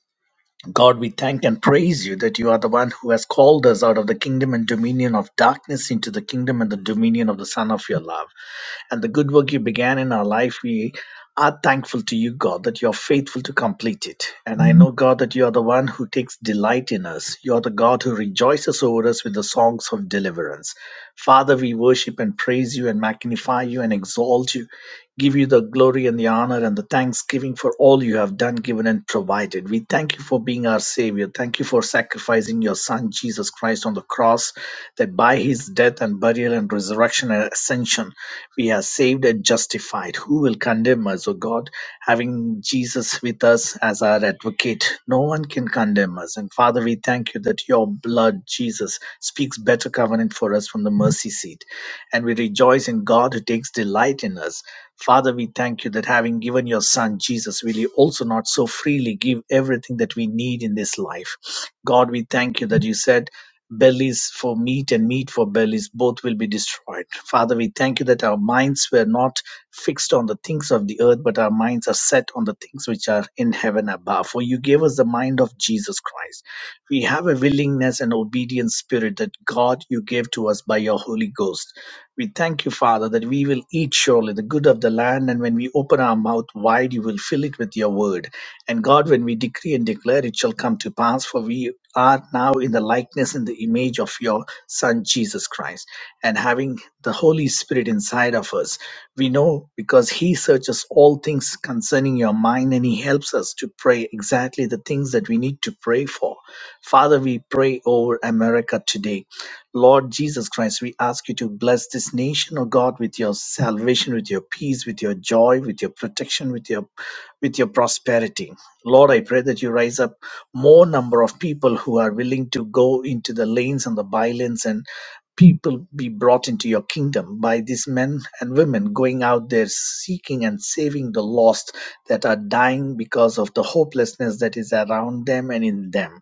Speaker 4: God, we thank and praise you that you are the one who has called us out of the kingdom and dominion of darkness into the kingdom and the dominion of the Son of your love. And the good work you began in our life, we are thankful to you, God, that you are faithful to complete it. And I know, God, that you are the one who takes delight in us. You are the God who rejoices over us with the songs of deliverance. Father, we worship and praise you and magnify you and exalt you give you the glory and the honor and the thanksgiving for all you have done, given, and provided. We thank you for being our Savior. Thank you for sacrificing your Son, Jesus Christ, on the cross, that by his death and burial and resurrection and ascension, we are saved and justified. Who will condemn us, O God? Having Jesus with us as our advocate, no one can condemn us. And Father, we thank you that your blood, Jesus, speaks better covenant for us from the mercy seat and we rejoice in God who takes delight in us. Father, we thank you that having given your Son Jesus, will you also not so freely give everything that we need in this life? God, we thank you that you said, Bellies for meat and meat for bellies, both will be destroyed. Father, we thank you that our minds were not fixed on the things of the earth, but our minds are set on the things which are in heaven above. For you gave us the mind of Jesus Christ. We have a willingness and obedient spirit that God you gave to us by your Holy Ghost. We thank you, Father, that we will eat surely the good of the land, and when we open our mouth wide, you will fill it with your word. And God, when we decree and declare, it shall come to pass, for we are now in the likeness and the image of your Son, Jesus Christ. And having the Holy Spirit inside of us, we know because He searches all things concerning your mind, and He helps us to pray exactly the things that we need to pray for. Father, we pray over America today. Lord Jesus Christ, we ask you to bless this nation, oh God, with your salvation, with your peace, with your joy, with your protection, with your with your prosperity. Lord, I pray that you rise up more number of people who are willing to go into the lanes and the bylanes and people be brought into your kingdom by these men and women going out there seeking and saving the lost that are dying because of the hopelessness that is around them and in them.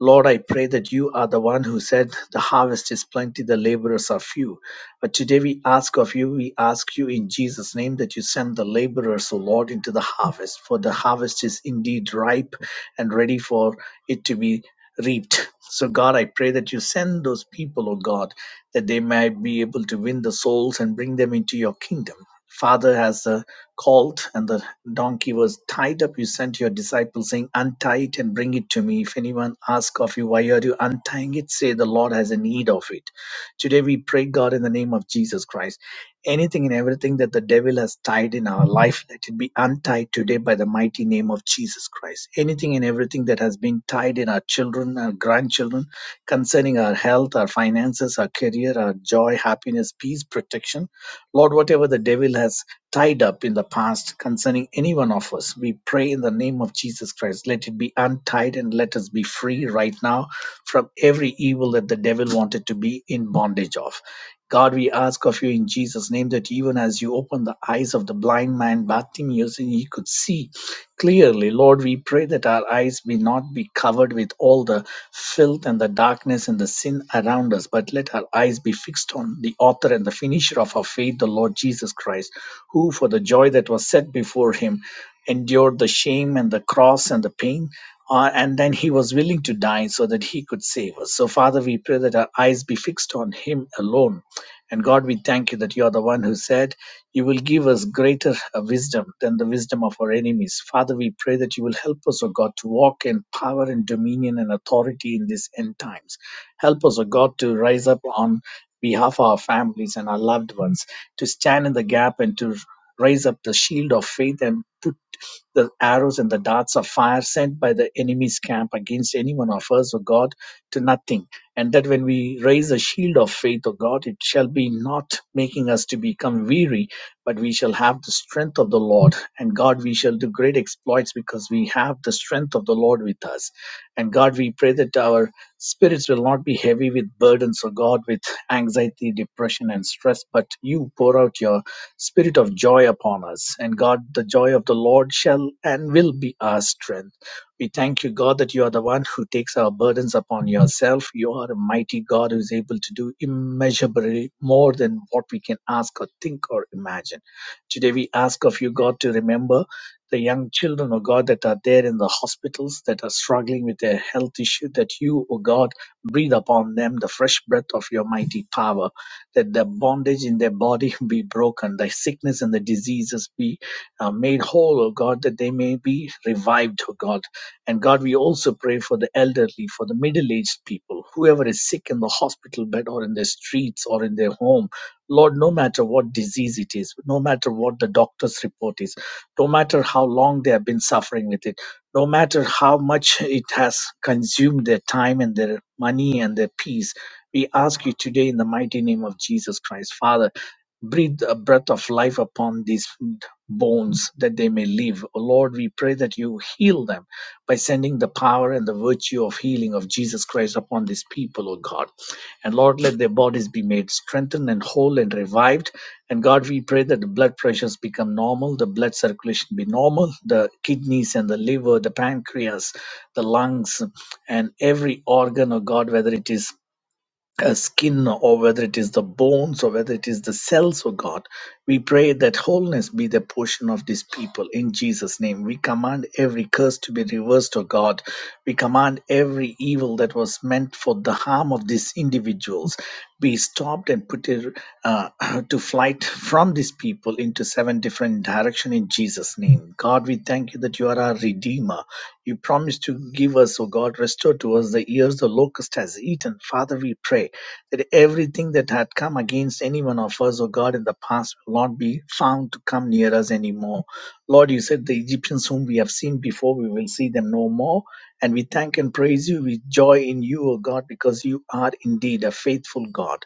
Speaker 4: Lord, I pray that you are the one who said, The harvest is plenty, the laborers are few. But today we ask of you, we ask you in Jesus' name that you send the laborers, O Lord, into the harvest, for the harvest is indeed ripe and ready for it to be reaped. So, God, I pray that you send those people, O God, that they may be able to win the souls and bring them into your kingdom. Father, as the Called and the donkey was tied up, you sent your disciples, saying, Untie it and bring it to me. If anyone asks of you, Why are you untying it? say, The Lord has a need of it. Today we pray, God, in the name of Jesus Christ. Anything and everything that the devil has tied in our life, let it be untied today by the mighty name of Jesus Christ. Anything and everything that has been tied in our children, our grandchildren, concerning our health, our finances, our career, our joy, happiness, peace, protection. Lord, whatever the devil has tied up in the past concerning any one of us. We pray in the name of Jesus Christ. Let it be untied and let us be free right now from every evil that the devil wanted to be in bondage of. God, we ask of you in Jesus' name that even as you open the eyes of the blind man Bartimaeus and he could see, Clearly, Lord, we pray that our eyes may not be covered with all the filth and the darkness and the sin around us, but let our eyes be fixed on the author and the finisher of our faith, the Lord Jesus Christ, who, for the joy that was set before him, endured the shame and the cross and the pain. uh, and then he was willing to die so that he could save us. So, Father, we pray that our eyes be fixed on him alone. And God, we thank you that you are the one who said, you will give us greater uh, wisdom than the wisdom of our enemies. Father, we pray that you will help us, O God, to walk in power and dominion and authority in these end times. Help us, O God, to rise up on behalf of our families and our loved ones, to stand in the gap and to raise up the shield of faith and put the arrows and the darts of fire sent by the enemy's camp against anyone of us, O God, to nothing. And that when we raise a shield of faith, O God, it shall be not making us to become weary, but we shall have the strength of the Lord. And God, we shall do great exploits because we have the strength of the Lord with us. And God, we pray that our spirits will not be heavy with burdens, O God, with anxiety, depression, and stress, but you pour out your Spirit of joy upon us. And God, the joy of the Lord shall and will be our strength. We thank you, God, that you are the one who takes our burdens upon yourself. You are a mighty God who is able to do immeasurably more than what we can ask or think or imagine. Today we ask of you, God, to remember the young children, oh God, that are there in the hospitals that are struggling with their health issue, that you, oh God, breathe upon them the fresh breath of your mighty power that the bondage in their body be broken, the sickness and the diseases be uh, made whole, oh God, that they may be revived, oh God. And God, we also pray for the elderly, for the middle aged people, whoever is sick in the hospital bed or in the streets or in their home. Lord, no matter what disease it is, no matter what the doctor's report is, no matter how long they have been suffering with it, no matter how much it has consumed their time and their money and their peace, we ask you today in the mighty name of Jesus Christ, Father, breathe a breath of life upon these bones that they may live. Oh Lord, we pray that you heal them by sending the power and the virtue of healing of Jesus Christ upon these people, oh God. And Lord, let their bodies be made strengthened and whole and revived. And God, we pray that the blood pressures become normal, the blood circulation be normal, the kidneys and the liver, the pancreas, the lungs, and every organ, oh God, whether it is uh, skin or whether it is the bones or whether it is the cells, oh God. We pray that wholeness be the portion of these people in Jesus' name. We command every curse to be reversed, oh God. We command every evil that was meant for the harm of these individuals be stopped and put it, uh, to flight from these people into seven different direction in Jesus' name. God, we thank you that you are our redeemer you promise to give us, O God, restore to us the years the locust has eaten. Father, we pray that everything that had come against any one of us, O God, in the past will not be found to come near us anymore. Lord, you said the Egyptians whom we have seen before, we will see them no more. And we thank and praise you with joy in you, O God, because you are indeed a faithful God.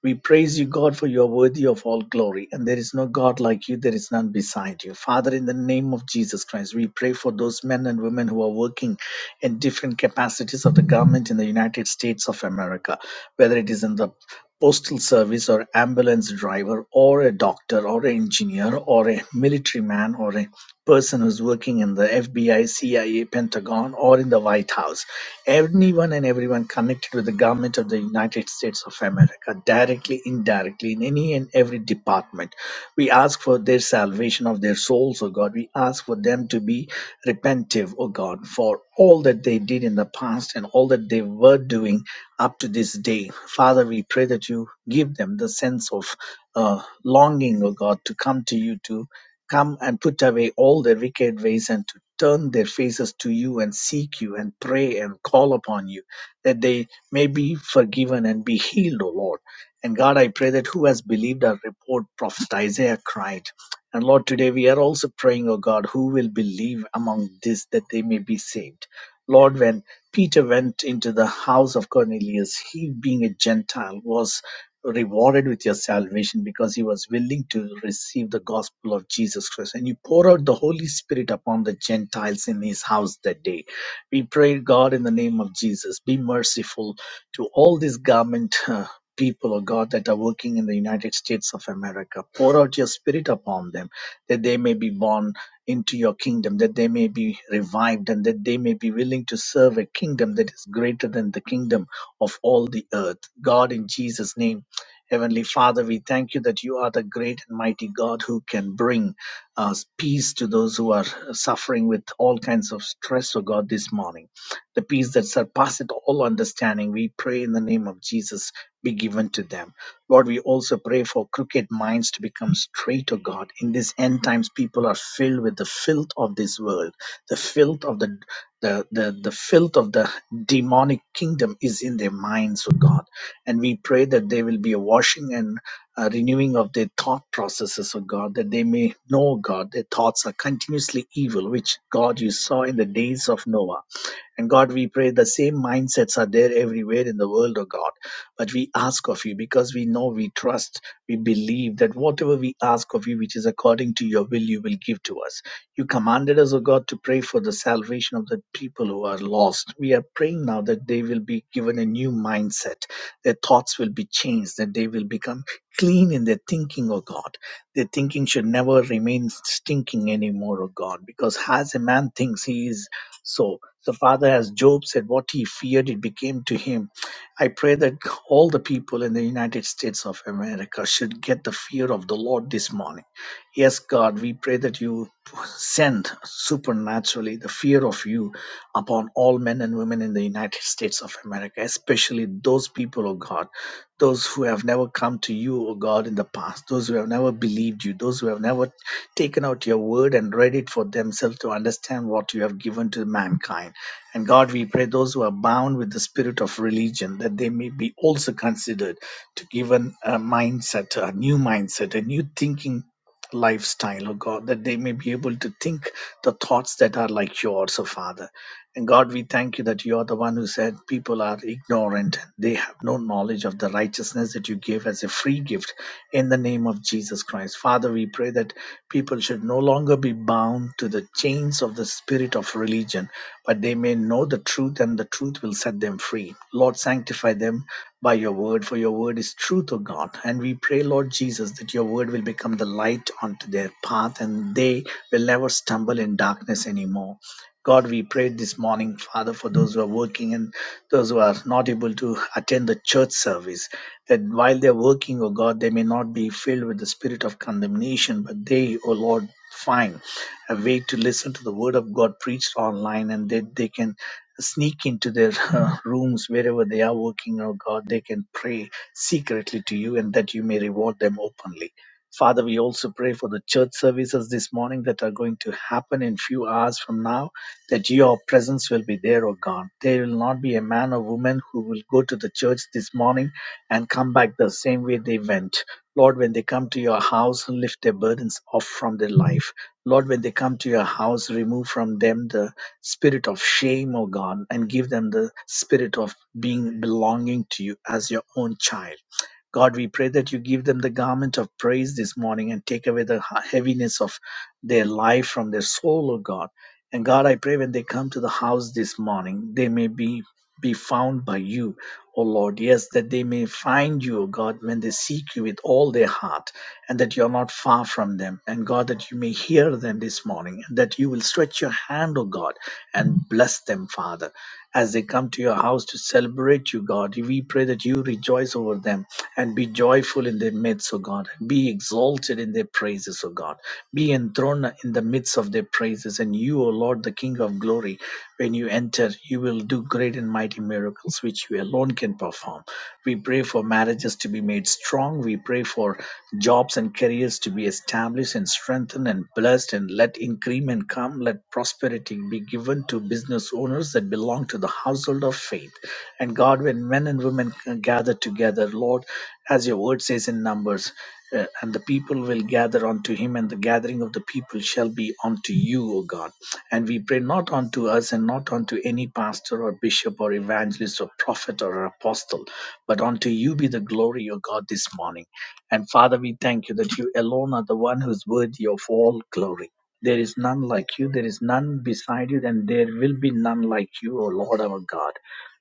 Speaker 4: We praise you, God, for you are worthy of all glory, and there is no God like you, there is none beside you. Father, in the name of Jesus Christ, we pray for those men and women who are working in different capacities of the government in the United States of America, whether it is in the postal service or ambulance driver or a doctor or an engineer or a military man or a person who's working in the FBI, CIA, Pentagon or in the White House anyone and everyone connected with the government of the United States of America, directly, indirectly, in any and every department. We ask for their salvation of their souls, O God. We ask for them to be repentive, O God, for all that they did in the past and all that they were doing up to this day. Father, we pray that you give them the sense of uh, longing, O God, to come to you, to Come and put away all their wicked ways and to turn their faces to you and seek you and pray and call upon you that they may be forgiven and be healed, O Lord. And God, I pray that who has believed our report, Prophet Isaiah cried. And Lord, today we are also praying, O God, who will believe among this that they may be saved. Lord, when Peter went into the house of Cornelius, he being a Gentile was rewarded with your salvation because he was willing to receive the gospel of Jesus Christ. And you pour out the Holy Spirit upon the Gentiles in his house that day. We pray, God, in the name of Jesus, be merciful to all these garment. uh, People of God that are working in the United States of America, pour out your spirit upon them that they may be born into your kingdom, that they may be revived, and that they may be willing to serve a kingdom that is greater than the kingdom of all the earth. God, in Jesus' name Heavenly Father, we thank you that you are the great and mighty God who can bring uh, peace to those who are suffering with all kinds of stress, oh God, this morning. The peace that surpasses all understanding, we pray in the name of Jesus, be given to them. Lord, we also pray for crooked minds to become straight, O God. In these end times, people are filled with the filth of this world, the filth of the the, the, the filth of the demonic kingdom is in their minds, O God. And we pray that there will be a washing and a renewing of their thought processes, oh God, that they may know, oh God, their thoughts are continuously evil, which, God, you saw in the days of Noah. And God, we pray the same mindsets are there everywhere in the world, oh God. But we ask of you because we know, we trust, we believe that whatever we ask of you, which is according to your will, you will give to us. You commanded us, O God, to pray for the salvation of the people who are lost. We are praying now that they will be given a new mindset, their thoughts will be changed, that they will become clean in their thinking, oh God. Their thinking should never remain stinking anymore, oh God, because as a man thinks, he is so. So, Father, as Job said, what he feared, it became to him. I pray that all the people in the United States of America should get the fear of the Lord this morning. Yes, God, we pray that you send supernaturally the fear of you upon all men and women in the United States of America, especially those people, O God, those who have never come to you, O God, in the past, those who have never believed you, those who have never taken out your word and read it for themselves to understand what you have given to mankind. And God, we pray those who are bound with the spirit of religion that they may be also considered to given a mindset, a new mindset, a new thinking lifestyle, oh God, that they may be able to think the thoughts that are like yours, oh Father and God, we thank you that you are the one who said people are ignorant. They have no knowledge of the righteousness that you give as a free gift in the name of Jesus Christ. Father, we pray that people should no longer be bound to the chains of the spirit of religion, but they may know the truth and the truth will set them free. Lord, sanctify them by your word, for your word is truth, O God. And we pray, Lord Jesus, that your word will become the light onto their path and they will never stumble in darkness anymore. God, we pray this morning, Father, for those who are working and those who are not able to attend the church service, that while they're working, oh God, they may not be filled with the spirit of condemnation, but they, oh Lord, find a way to listen to the word of God preached online and that they can sneak into their uh, rooms wherever they are working, oh God, they can pray secretly to you and that you may reward them openly. Father, we also pray for the church services this morning that are going to happen in few hours from now that your presence will be there, O God. There will not be a man or woman who will go to the church this morning and come back the same way they went. Lord, when they come to your house, lift their burdens off from their life. Lord, when they come to your house, remove from them the spirit of shame, O God, and give them the spirit of being belonging to you as your own child. God, we pray that you give them the garment of praise this morning and take away the heaviness of their life from their soul, O God. And God, I pray when they come to the house this morning, they may be be found by you, O Lord. Yes, that they may find you, O God, when they seek you with all their heart, and that you're not far from them. And God, that you may hear them this morning, and that you will stretch your hand, O God, and bless them, Father, as they come to your house to celebrate you, God. We pray that you rejoice over them and be joyful in their midst, O God. Be exalted in their praises, O God. Be enthroned in the midst of their praises. And you, O Lord, the King of glory, when you enter, you will do great and mighty miracles which you alone can perform. We pray for marriages to be made strong. We pray for jobs and careers to be established and strengthened and blessed. And let increment come. Let prosperity be given to business owners that belong to to the household of faith. And God, when men and women gather together, Lord, as your word says in Numbers, uh, and the people will gather unto him, and the gathering of the people shall be unto you, O God. And we pray not unto us and not unto any pastor or bishop or evangelist or prophet or apostle, but unto you be the glory, O God, this morning. And Father, we thank you that you alone are the one who's worthy of all glory. There is none like you, there is none beside you, and there will be none like you, O Lord our God.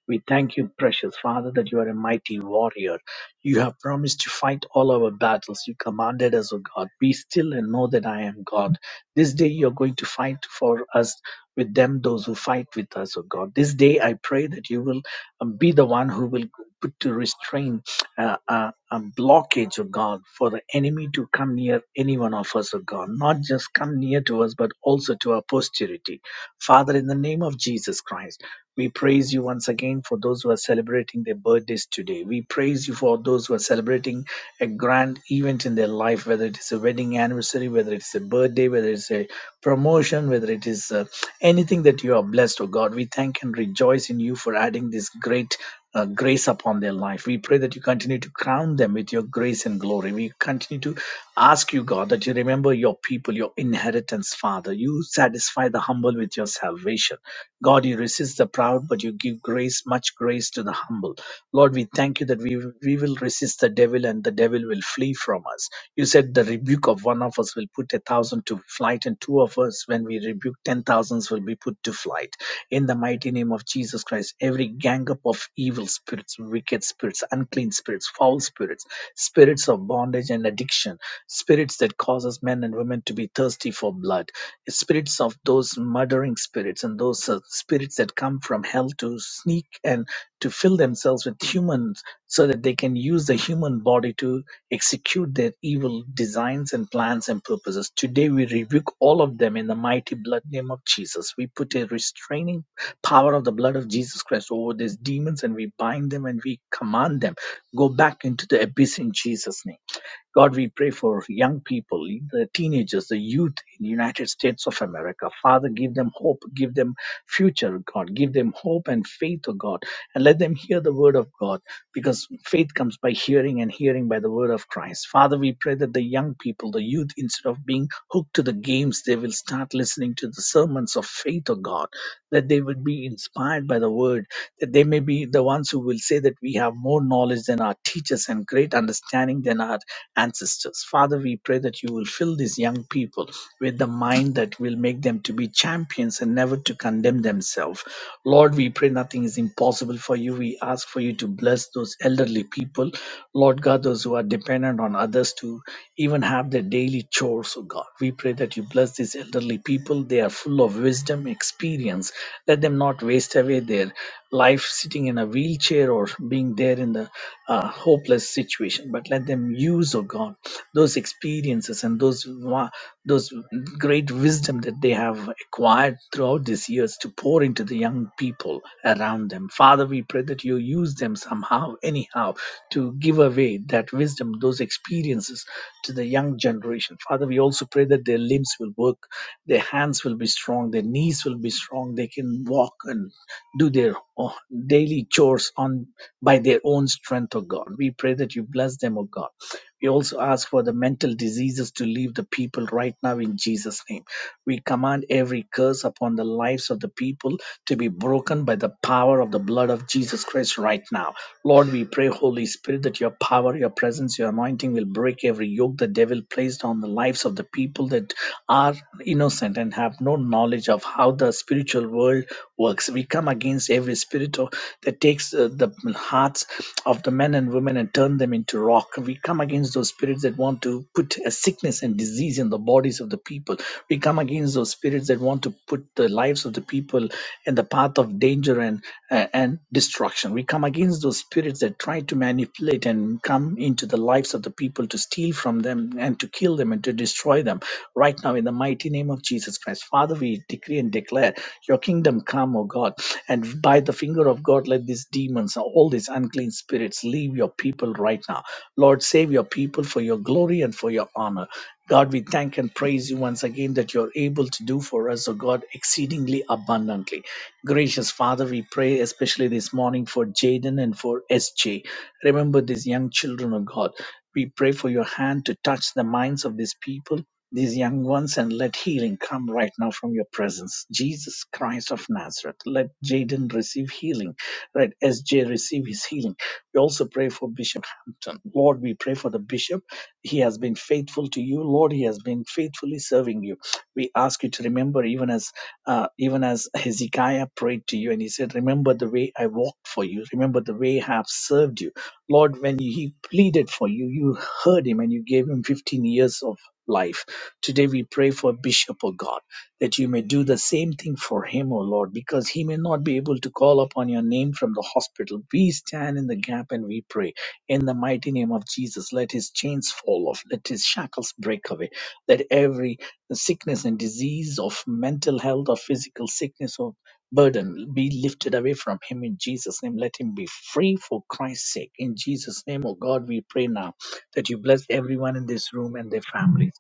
Speaker 4: We thank you, precious Father, that you are a mighty warrior. You have promised to fight all our battles. You commanded us, O God, be still and know that I am God. This day you are going to fight for us with them, those who fight with us, O God. This day I pray that you will um, be the one who will put to restraint a, a, a blockage of God for the enemy to come near any one of us of God, not just come near to us, but also to our posterity. Father, in the name of Jesus Christ. We praise you once again for those who are celebrating their birthdays today. We praise you for those who are celebrating a grand event in their life, whether it is a wedding anniversary, whether it's a birthday, whether it's a promotion, whether it is uh, anything that you are blessed, oh God. We thank and rejoice in you for adding this great. Uh, grace upon their life. We pray that you continue to crown them with your grace and glory. We continue to ask you, God, that you remember your people, your inheritance, Father. You satisfy the humble with your salvation God, you resist the proud, but you give grace, much grace to the humble. Lord, we thank you that we, we will resist the devil and the devil will flee from us. You said the rebuke of one of us will put a thousand to flight, and two of us, when we rebuke ten thousands, will be put to flight. In the mighty name of Jesus. Jesus Christ, every gang up of evil spirits, wicked spirits, unclean spirits, foul spirits, spirits of bondage and addiction, spirits that causes men and women to be thirsty for blood, spirits of those murdering spirits and those uh, spirits that come from hell to sneak and to fill themselves with humans so that they can use the human body to execute their evil designs and plans and purposes. Today we rebuke all of them in the mighty blood name of Jesus. We put a restraining power of the blood of Jesus Christ over these demons and we bind them and we command them go back into the abyss in Jesus name God, we pray for young people, the teenagers, the youth in the United States of America. Father, give them hope, give them future, God. Give them hope and faith, O God, and let them hear the word of God because faith comes by hearing and hearing by the word of Christ. Father, we pray that the young people, the youth, instead of being hooked to the games, they will start listening to the sermons of faith, O God, that they would be inspired by the word that they may be the ones who will say that we have more knowledge than our teachers and great understanding than our ancestors. Father, we pray that you will fill these young people with the mind that will make them to be champions and never to condemn themselves. Lord, we pray nothing is impossible for you. We ask ask for you to bless those elderly people, Lord God, those who are dependent on others to even have their daily chores, oh God. We pray that you bless these elderly people. They are full of wisdom, experience. Let them not waste away their life sitting in a wheelchair or being there in the uh, hopeless situation, but let them use, oh God those experiences and those wa- those great wisdom that they have acquired throughout these years to pour into the young people around them father we pray that you use them somehow anyhow to give away that wisdom those experiences to the young generation father we also pray that their limbs will work their hands will be strong their knees will be strong they can walk and do their o- daily chores on by their own strength, O God. We pray that you bless them, O God. We also ask for the mental diseases to leave the people right now in Jesus' name. We command every curse upon the lives of the people to be broken by the power of the blood of Jesus Christ right now. Lord, we pray, Holy Spirit, that your power, your presence, your anointing will break every yoke the devil placed on the lives of the people that are innocent and have no knowledge of how the spiritual world works. We come against every spirit of, that takes uh, the hearts of the men and women and and turn them into rock. We come against those spirits that want to put a sickness and disease in the bodies of the people. We come against those spirits that want to put the lives of the people in the path of danger and uh, and destruction. We come against those spirits that try to manipulate and come into the lives of the people to steal from them and to kill them and to destroy them. Right now, in the mighty name of Jesus Christ, Father, we decree and declare your kingdom come, O God. And by the finger of God, let these demons, all these unclean spirits, leave your people right now. Lord, save your people for your glory and for your honor. God, we thank and praise you once again that you're able to do for us, O God, exceedingly abundantly. Gracious Father, we pray especially this morning for Jaden and for SJ. Remember these young children, O God. We pray for your hand to touch the minds of these people these young ones and let healing come right now from your presence. Jesus Christ of Nazareth, let Jaden receive healing. Let SJ receive his healing. We also pray for Bishop Hampton. Lord, we pray for the bishop. He has been faithful to you. Lord, he has been faithfully serving you. We ask you to remember, even as uh, even as Hezekiah prayed to you and he said, Remember the way I walked for you. Remember the way I have served you. Lord, when he pleaded for you, you heard him and you gave him 15 years of life. Today we pray for Bishop, O God, that you may do the same thing for him, O Lord, because he may not be able to call upon your name from the hospital. We stand in the gap and we pray. In the mighty name of Jesus, let his chains fall off, let his shackles break away, let every sickness and disease of mental health or physical sickness or burden be lifted away from him in Jesus' name. Let him be free for Christ's sake. In Jesus' name, O God, we pray now that you bless everyone in this room and their families.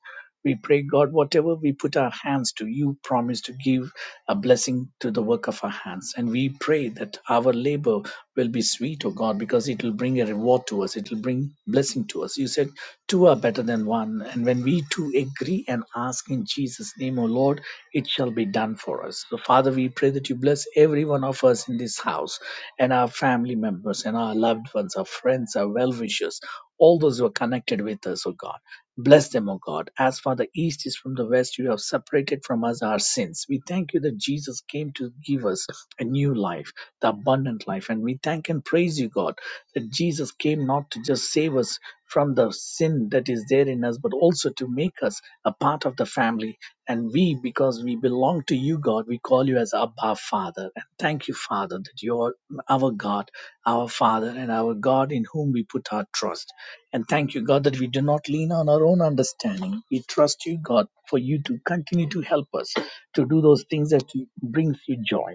Speaker 4: We pray, God, whatever we put our hands to, you promise to give a blessing to the work of our hands. And we pray that our labor will be sweet, O God, because it will bring a reward to us. It will bring blessing to us. You said two are better than one. And when we two agree and ask in Jesus' name, O Lord, it shall be done for us. So, Father, we pray that you bless every one of us in this house and our family members and our loved ones, our friends, our well wishers, all those who are connected with us, O God. Bless them, O God. As far the east is from the west, you have separated from us our sins. We thank you that Jesus came to give us a new life, the abundant life. And we thank and praise you, God, that Jesus came not to just save us from the sin that is there in us, but also to make us a part of the family. And we, because we belong to you, God, we call you as Abba Father. And thank you, Father, that you are our God, our Father, and our God in whom we put our trust. And thank you, God, that we do not lean on our own understanding. We trust you, God, for you to continue to help us to do those things that brings you joy.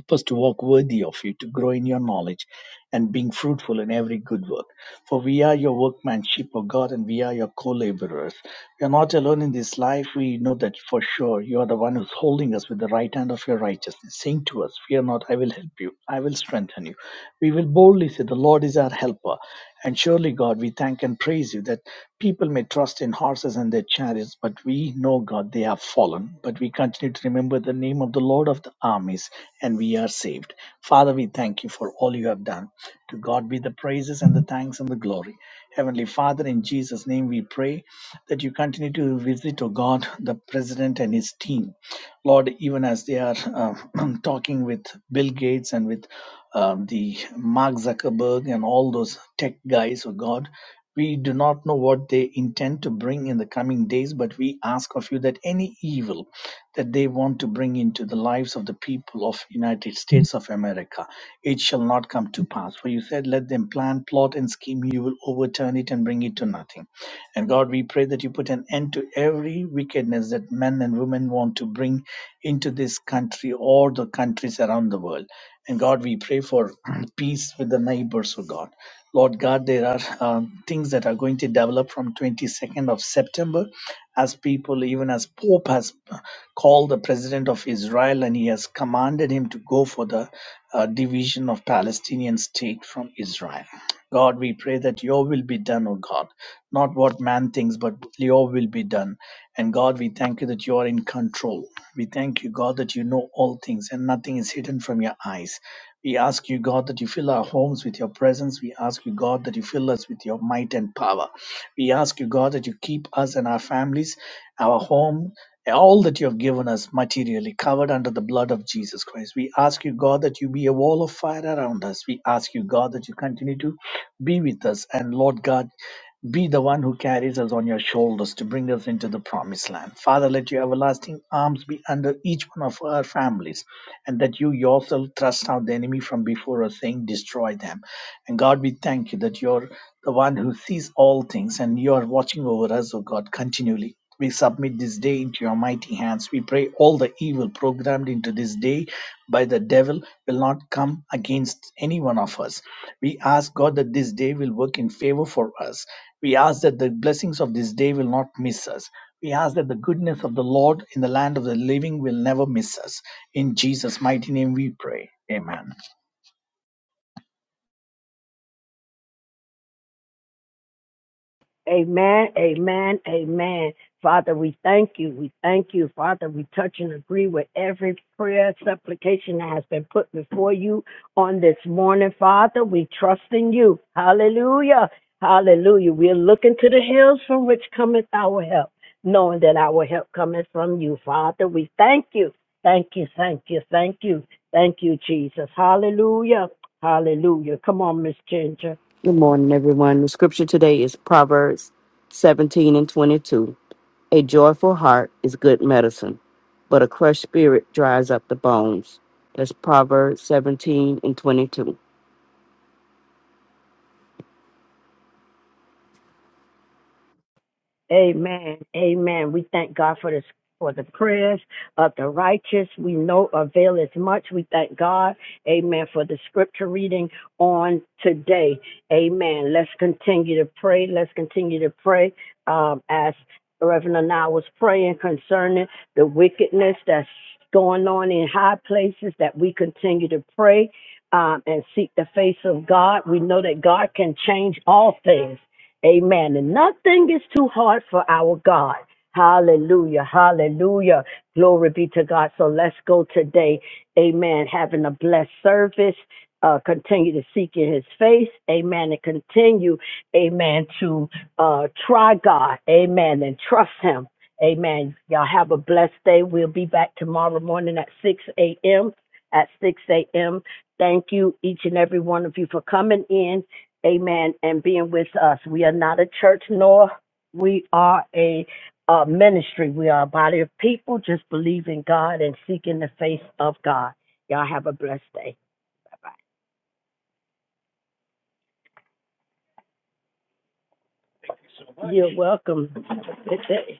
Speaker 4: Help us to walk worthy of you, to grow in your knowledge and being fruitful in every good work. For we are your workmanship, O God, and we are your co laborers. We are not alone in this life. We know that for sure. You are the one who's holding us with the right hand of your righteousness, saying to us, Fear not, I will help you, I will strengthen you. We will boldly say, The Lord is our our helper. And surely, God, we thank and praise you that people may trust in horses and their chariots, but we know, God, they have fallen. But we continue to remember the name of the Lord of the armies, and we are saved. Father, we thank you for all you have done. To God be the praises and the thanks and the glory. Heavenly Father, in Jesus' name we pray that you continue to visit, O God, the president and his team Lord, even as they are um, talking with Bill Gates and with um, the Mark Zuckerberg and all those tech guys, oh God, we do not know what they intend to bring in the coming days, but we ask of you that any evil that they want to bring into the lives of the people of United States of America. It shall not come to pass. For you said, let them plan, plot, and scheme. You will overturn it and bring it to nothing. And God, we pray that you put an end to every wickedness that men and women want to bring into this country or the countries around the world. And God, we pray for peace with the neighbors, oh God. Lord God, there are um, things that are going to develop from 22nd of September as people, even as Pope has uh, called the president of Israel and he has commanded him to go for the uh, division of Palestinian state from Israel. God, we pray that your will be done, O God. Not what man thinks, but your will be done. And God, we thank you that you are in control. We thank you, God, that you know all things and nothing is hidden from your eyes. We ask you, God, that you fill our homes with your presence. We ask you, God, that you fill us with your might and power. We ask you, God, that you keep us and our families, our home all that you have given us materially covered under the blood of Jesus Christ. We ask you, God, that you be a wall of fire around us. We ask you, God, that you continue to be with us. And Lord God, be the one who carries us on your shoulders to bring us into the promised land. Father, let your everlasting arms be under each one of our families, and that you yourself thrust out the enemy from before us, saying, Destroy them. And God, we thank you that you're the one who sees all things and you are watching over us, O God, continually. We submit this day into your mighty hands. We pray all the evil programmed into this day by the devil will not come against any one of us. We ask God that this day will work in favor for us. We ask that the blessings of this day will not miss us. We ask that the goodness of the Lord in the land of the living will never miss us. In Jesus' mighty name we pray. Amen.
Speaker 3: Amen, amen, amen. Father, we thank you. We thank you, Father. We touch and agree with every prayer, supplication that has been put before you on this morning, Father. We trust in you. Hallelujah. Hallelujah. We are looking to the hills from which cometh our help, knowing that our help cometh from you, Father. We thank you. Thank you, thank you, thank you, thank you, Jesus. Hallelujah. Hallelujah. Come on, Miss Ginger.
Speaker 5: Good morning, everyone. The scripture today is Proverbs 17 and 22. A joyful heart is good medicine, but a crushed spirit dries up the bones. That's Proverbs 17 and 22.
Speaker 3: Amen. Amen. We thank God for this for the prayers of the righteous. We know avail as much. We thank God. Amen. For the scripture reading on today. Amen. Let's continue to pray. Let's continue to pray. Um, as Reverend and I was praying concerning the wickedness that's going on in high places, that we continue to pray um, and seek the face of God. We know that God can change all things. Amen. And nothing is too hard for our God. Hallelujah. Hallelujah. Glory be to God. So let's go today. Amen. Having a blessed service. Uh, continue to seek in his face. Amen. And continue, amen, to uh, try God. Amen. And trust him. Amen. Y'all have a blessed day. We'll be back tomorrow morning at 6 a.m. At 6 a.m. Thank you, each and every one of you, for coming in amen, and being with us. We are not a church, nor we are a, uh ministry. We are a body of people just believing God and seeking the face of God. Y'all have a blessed day. You're welcome. Have a good day.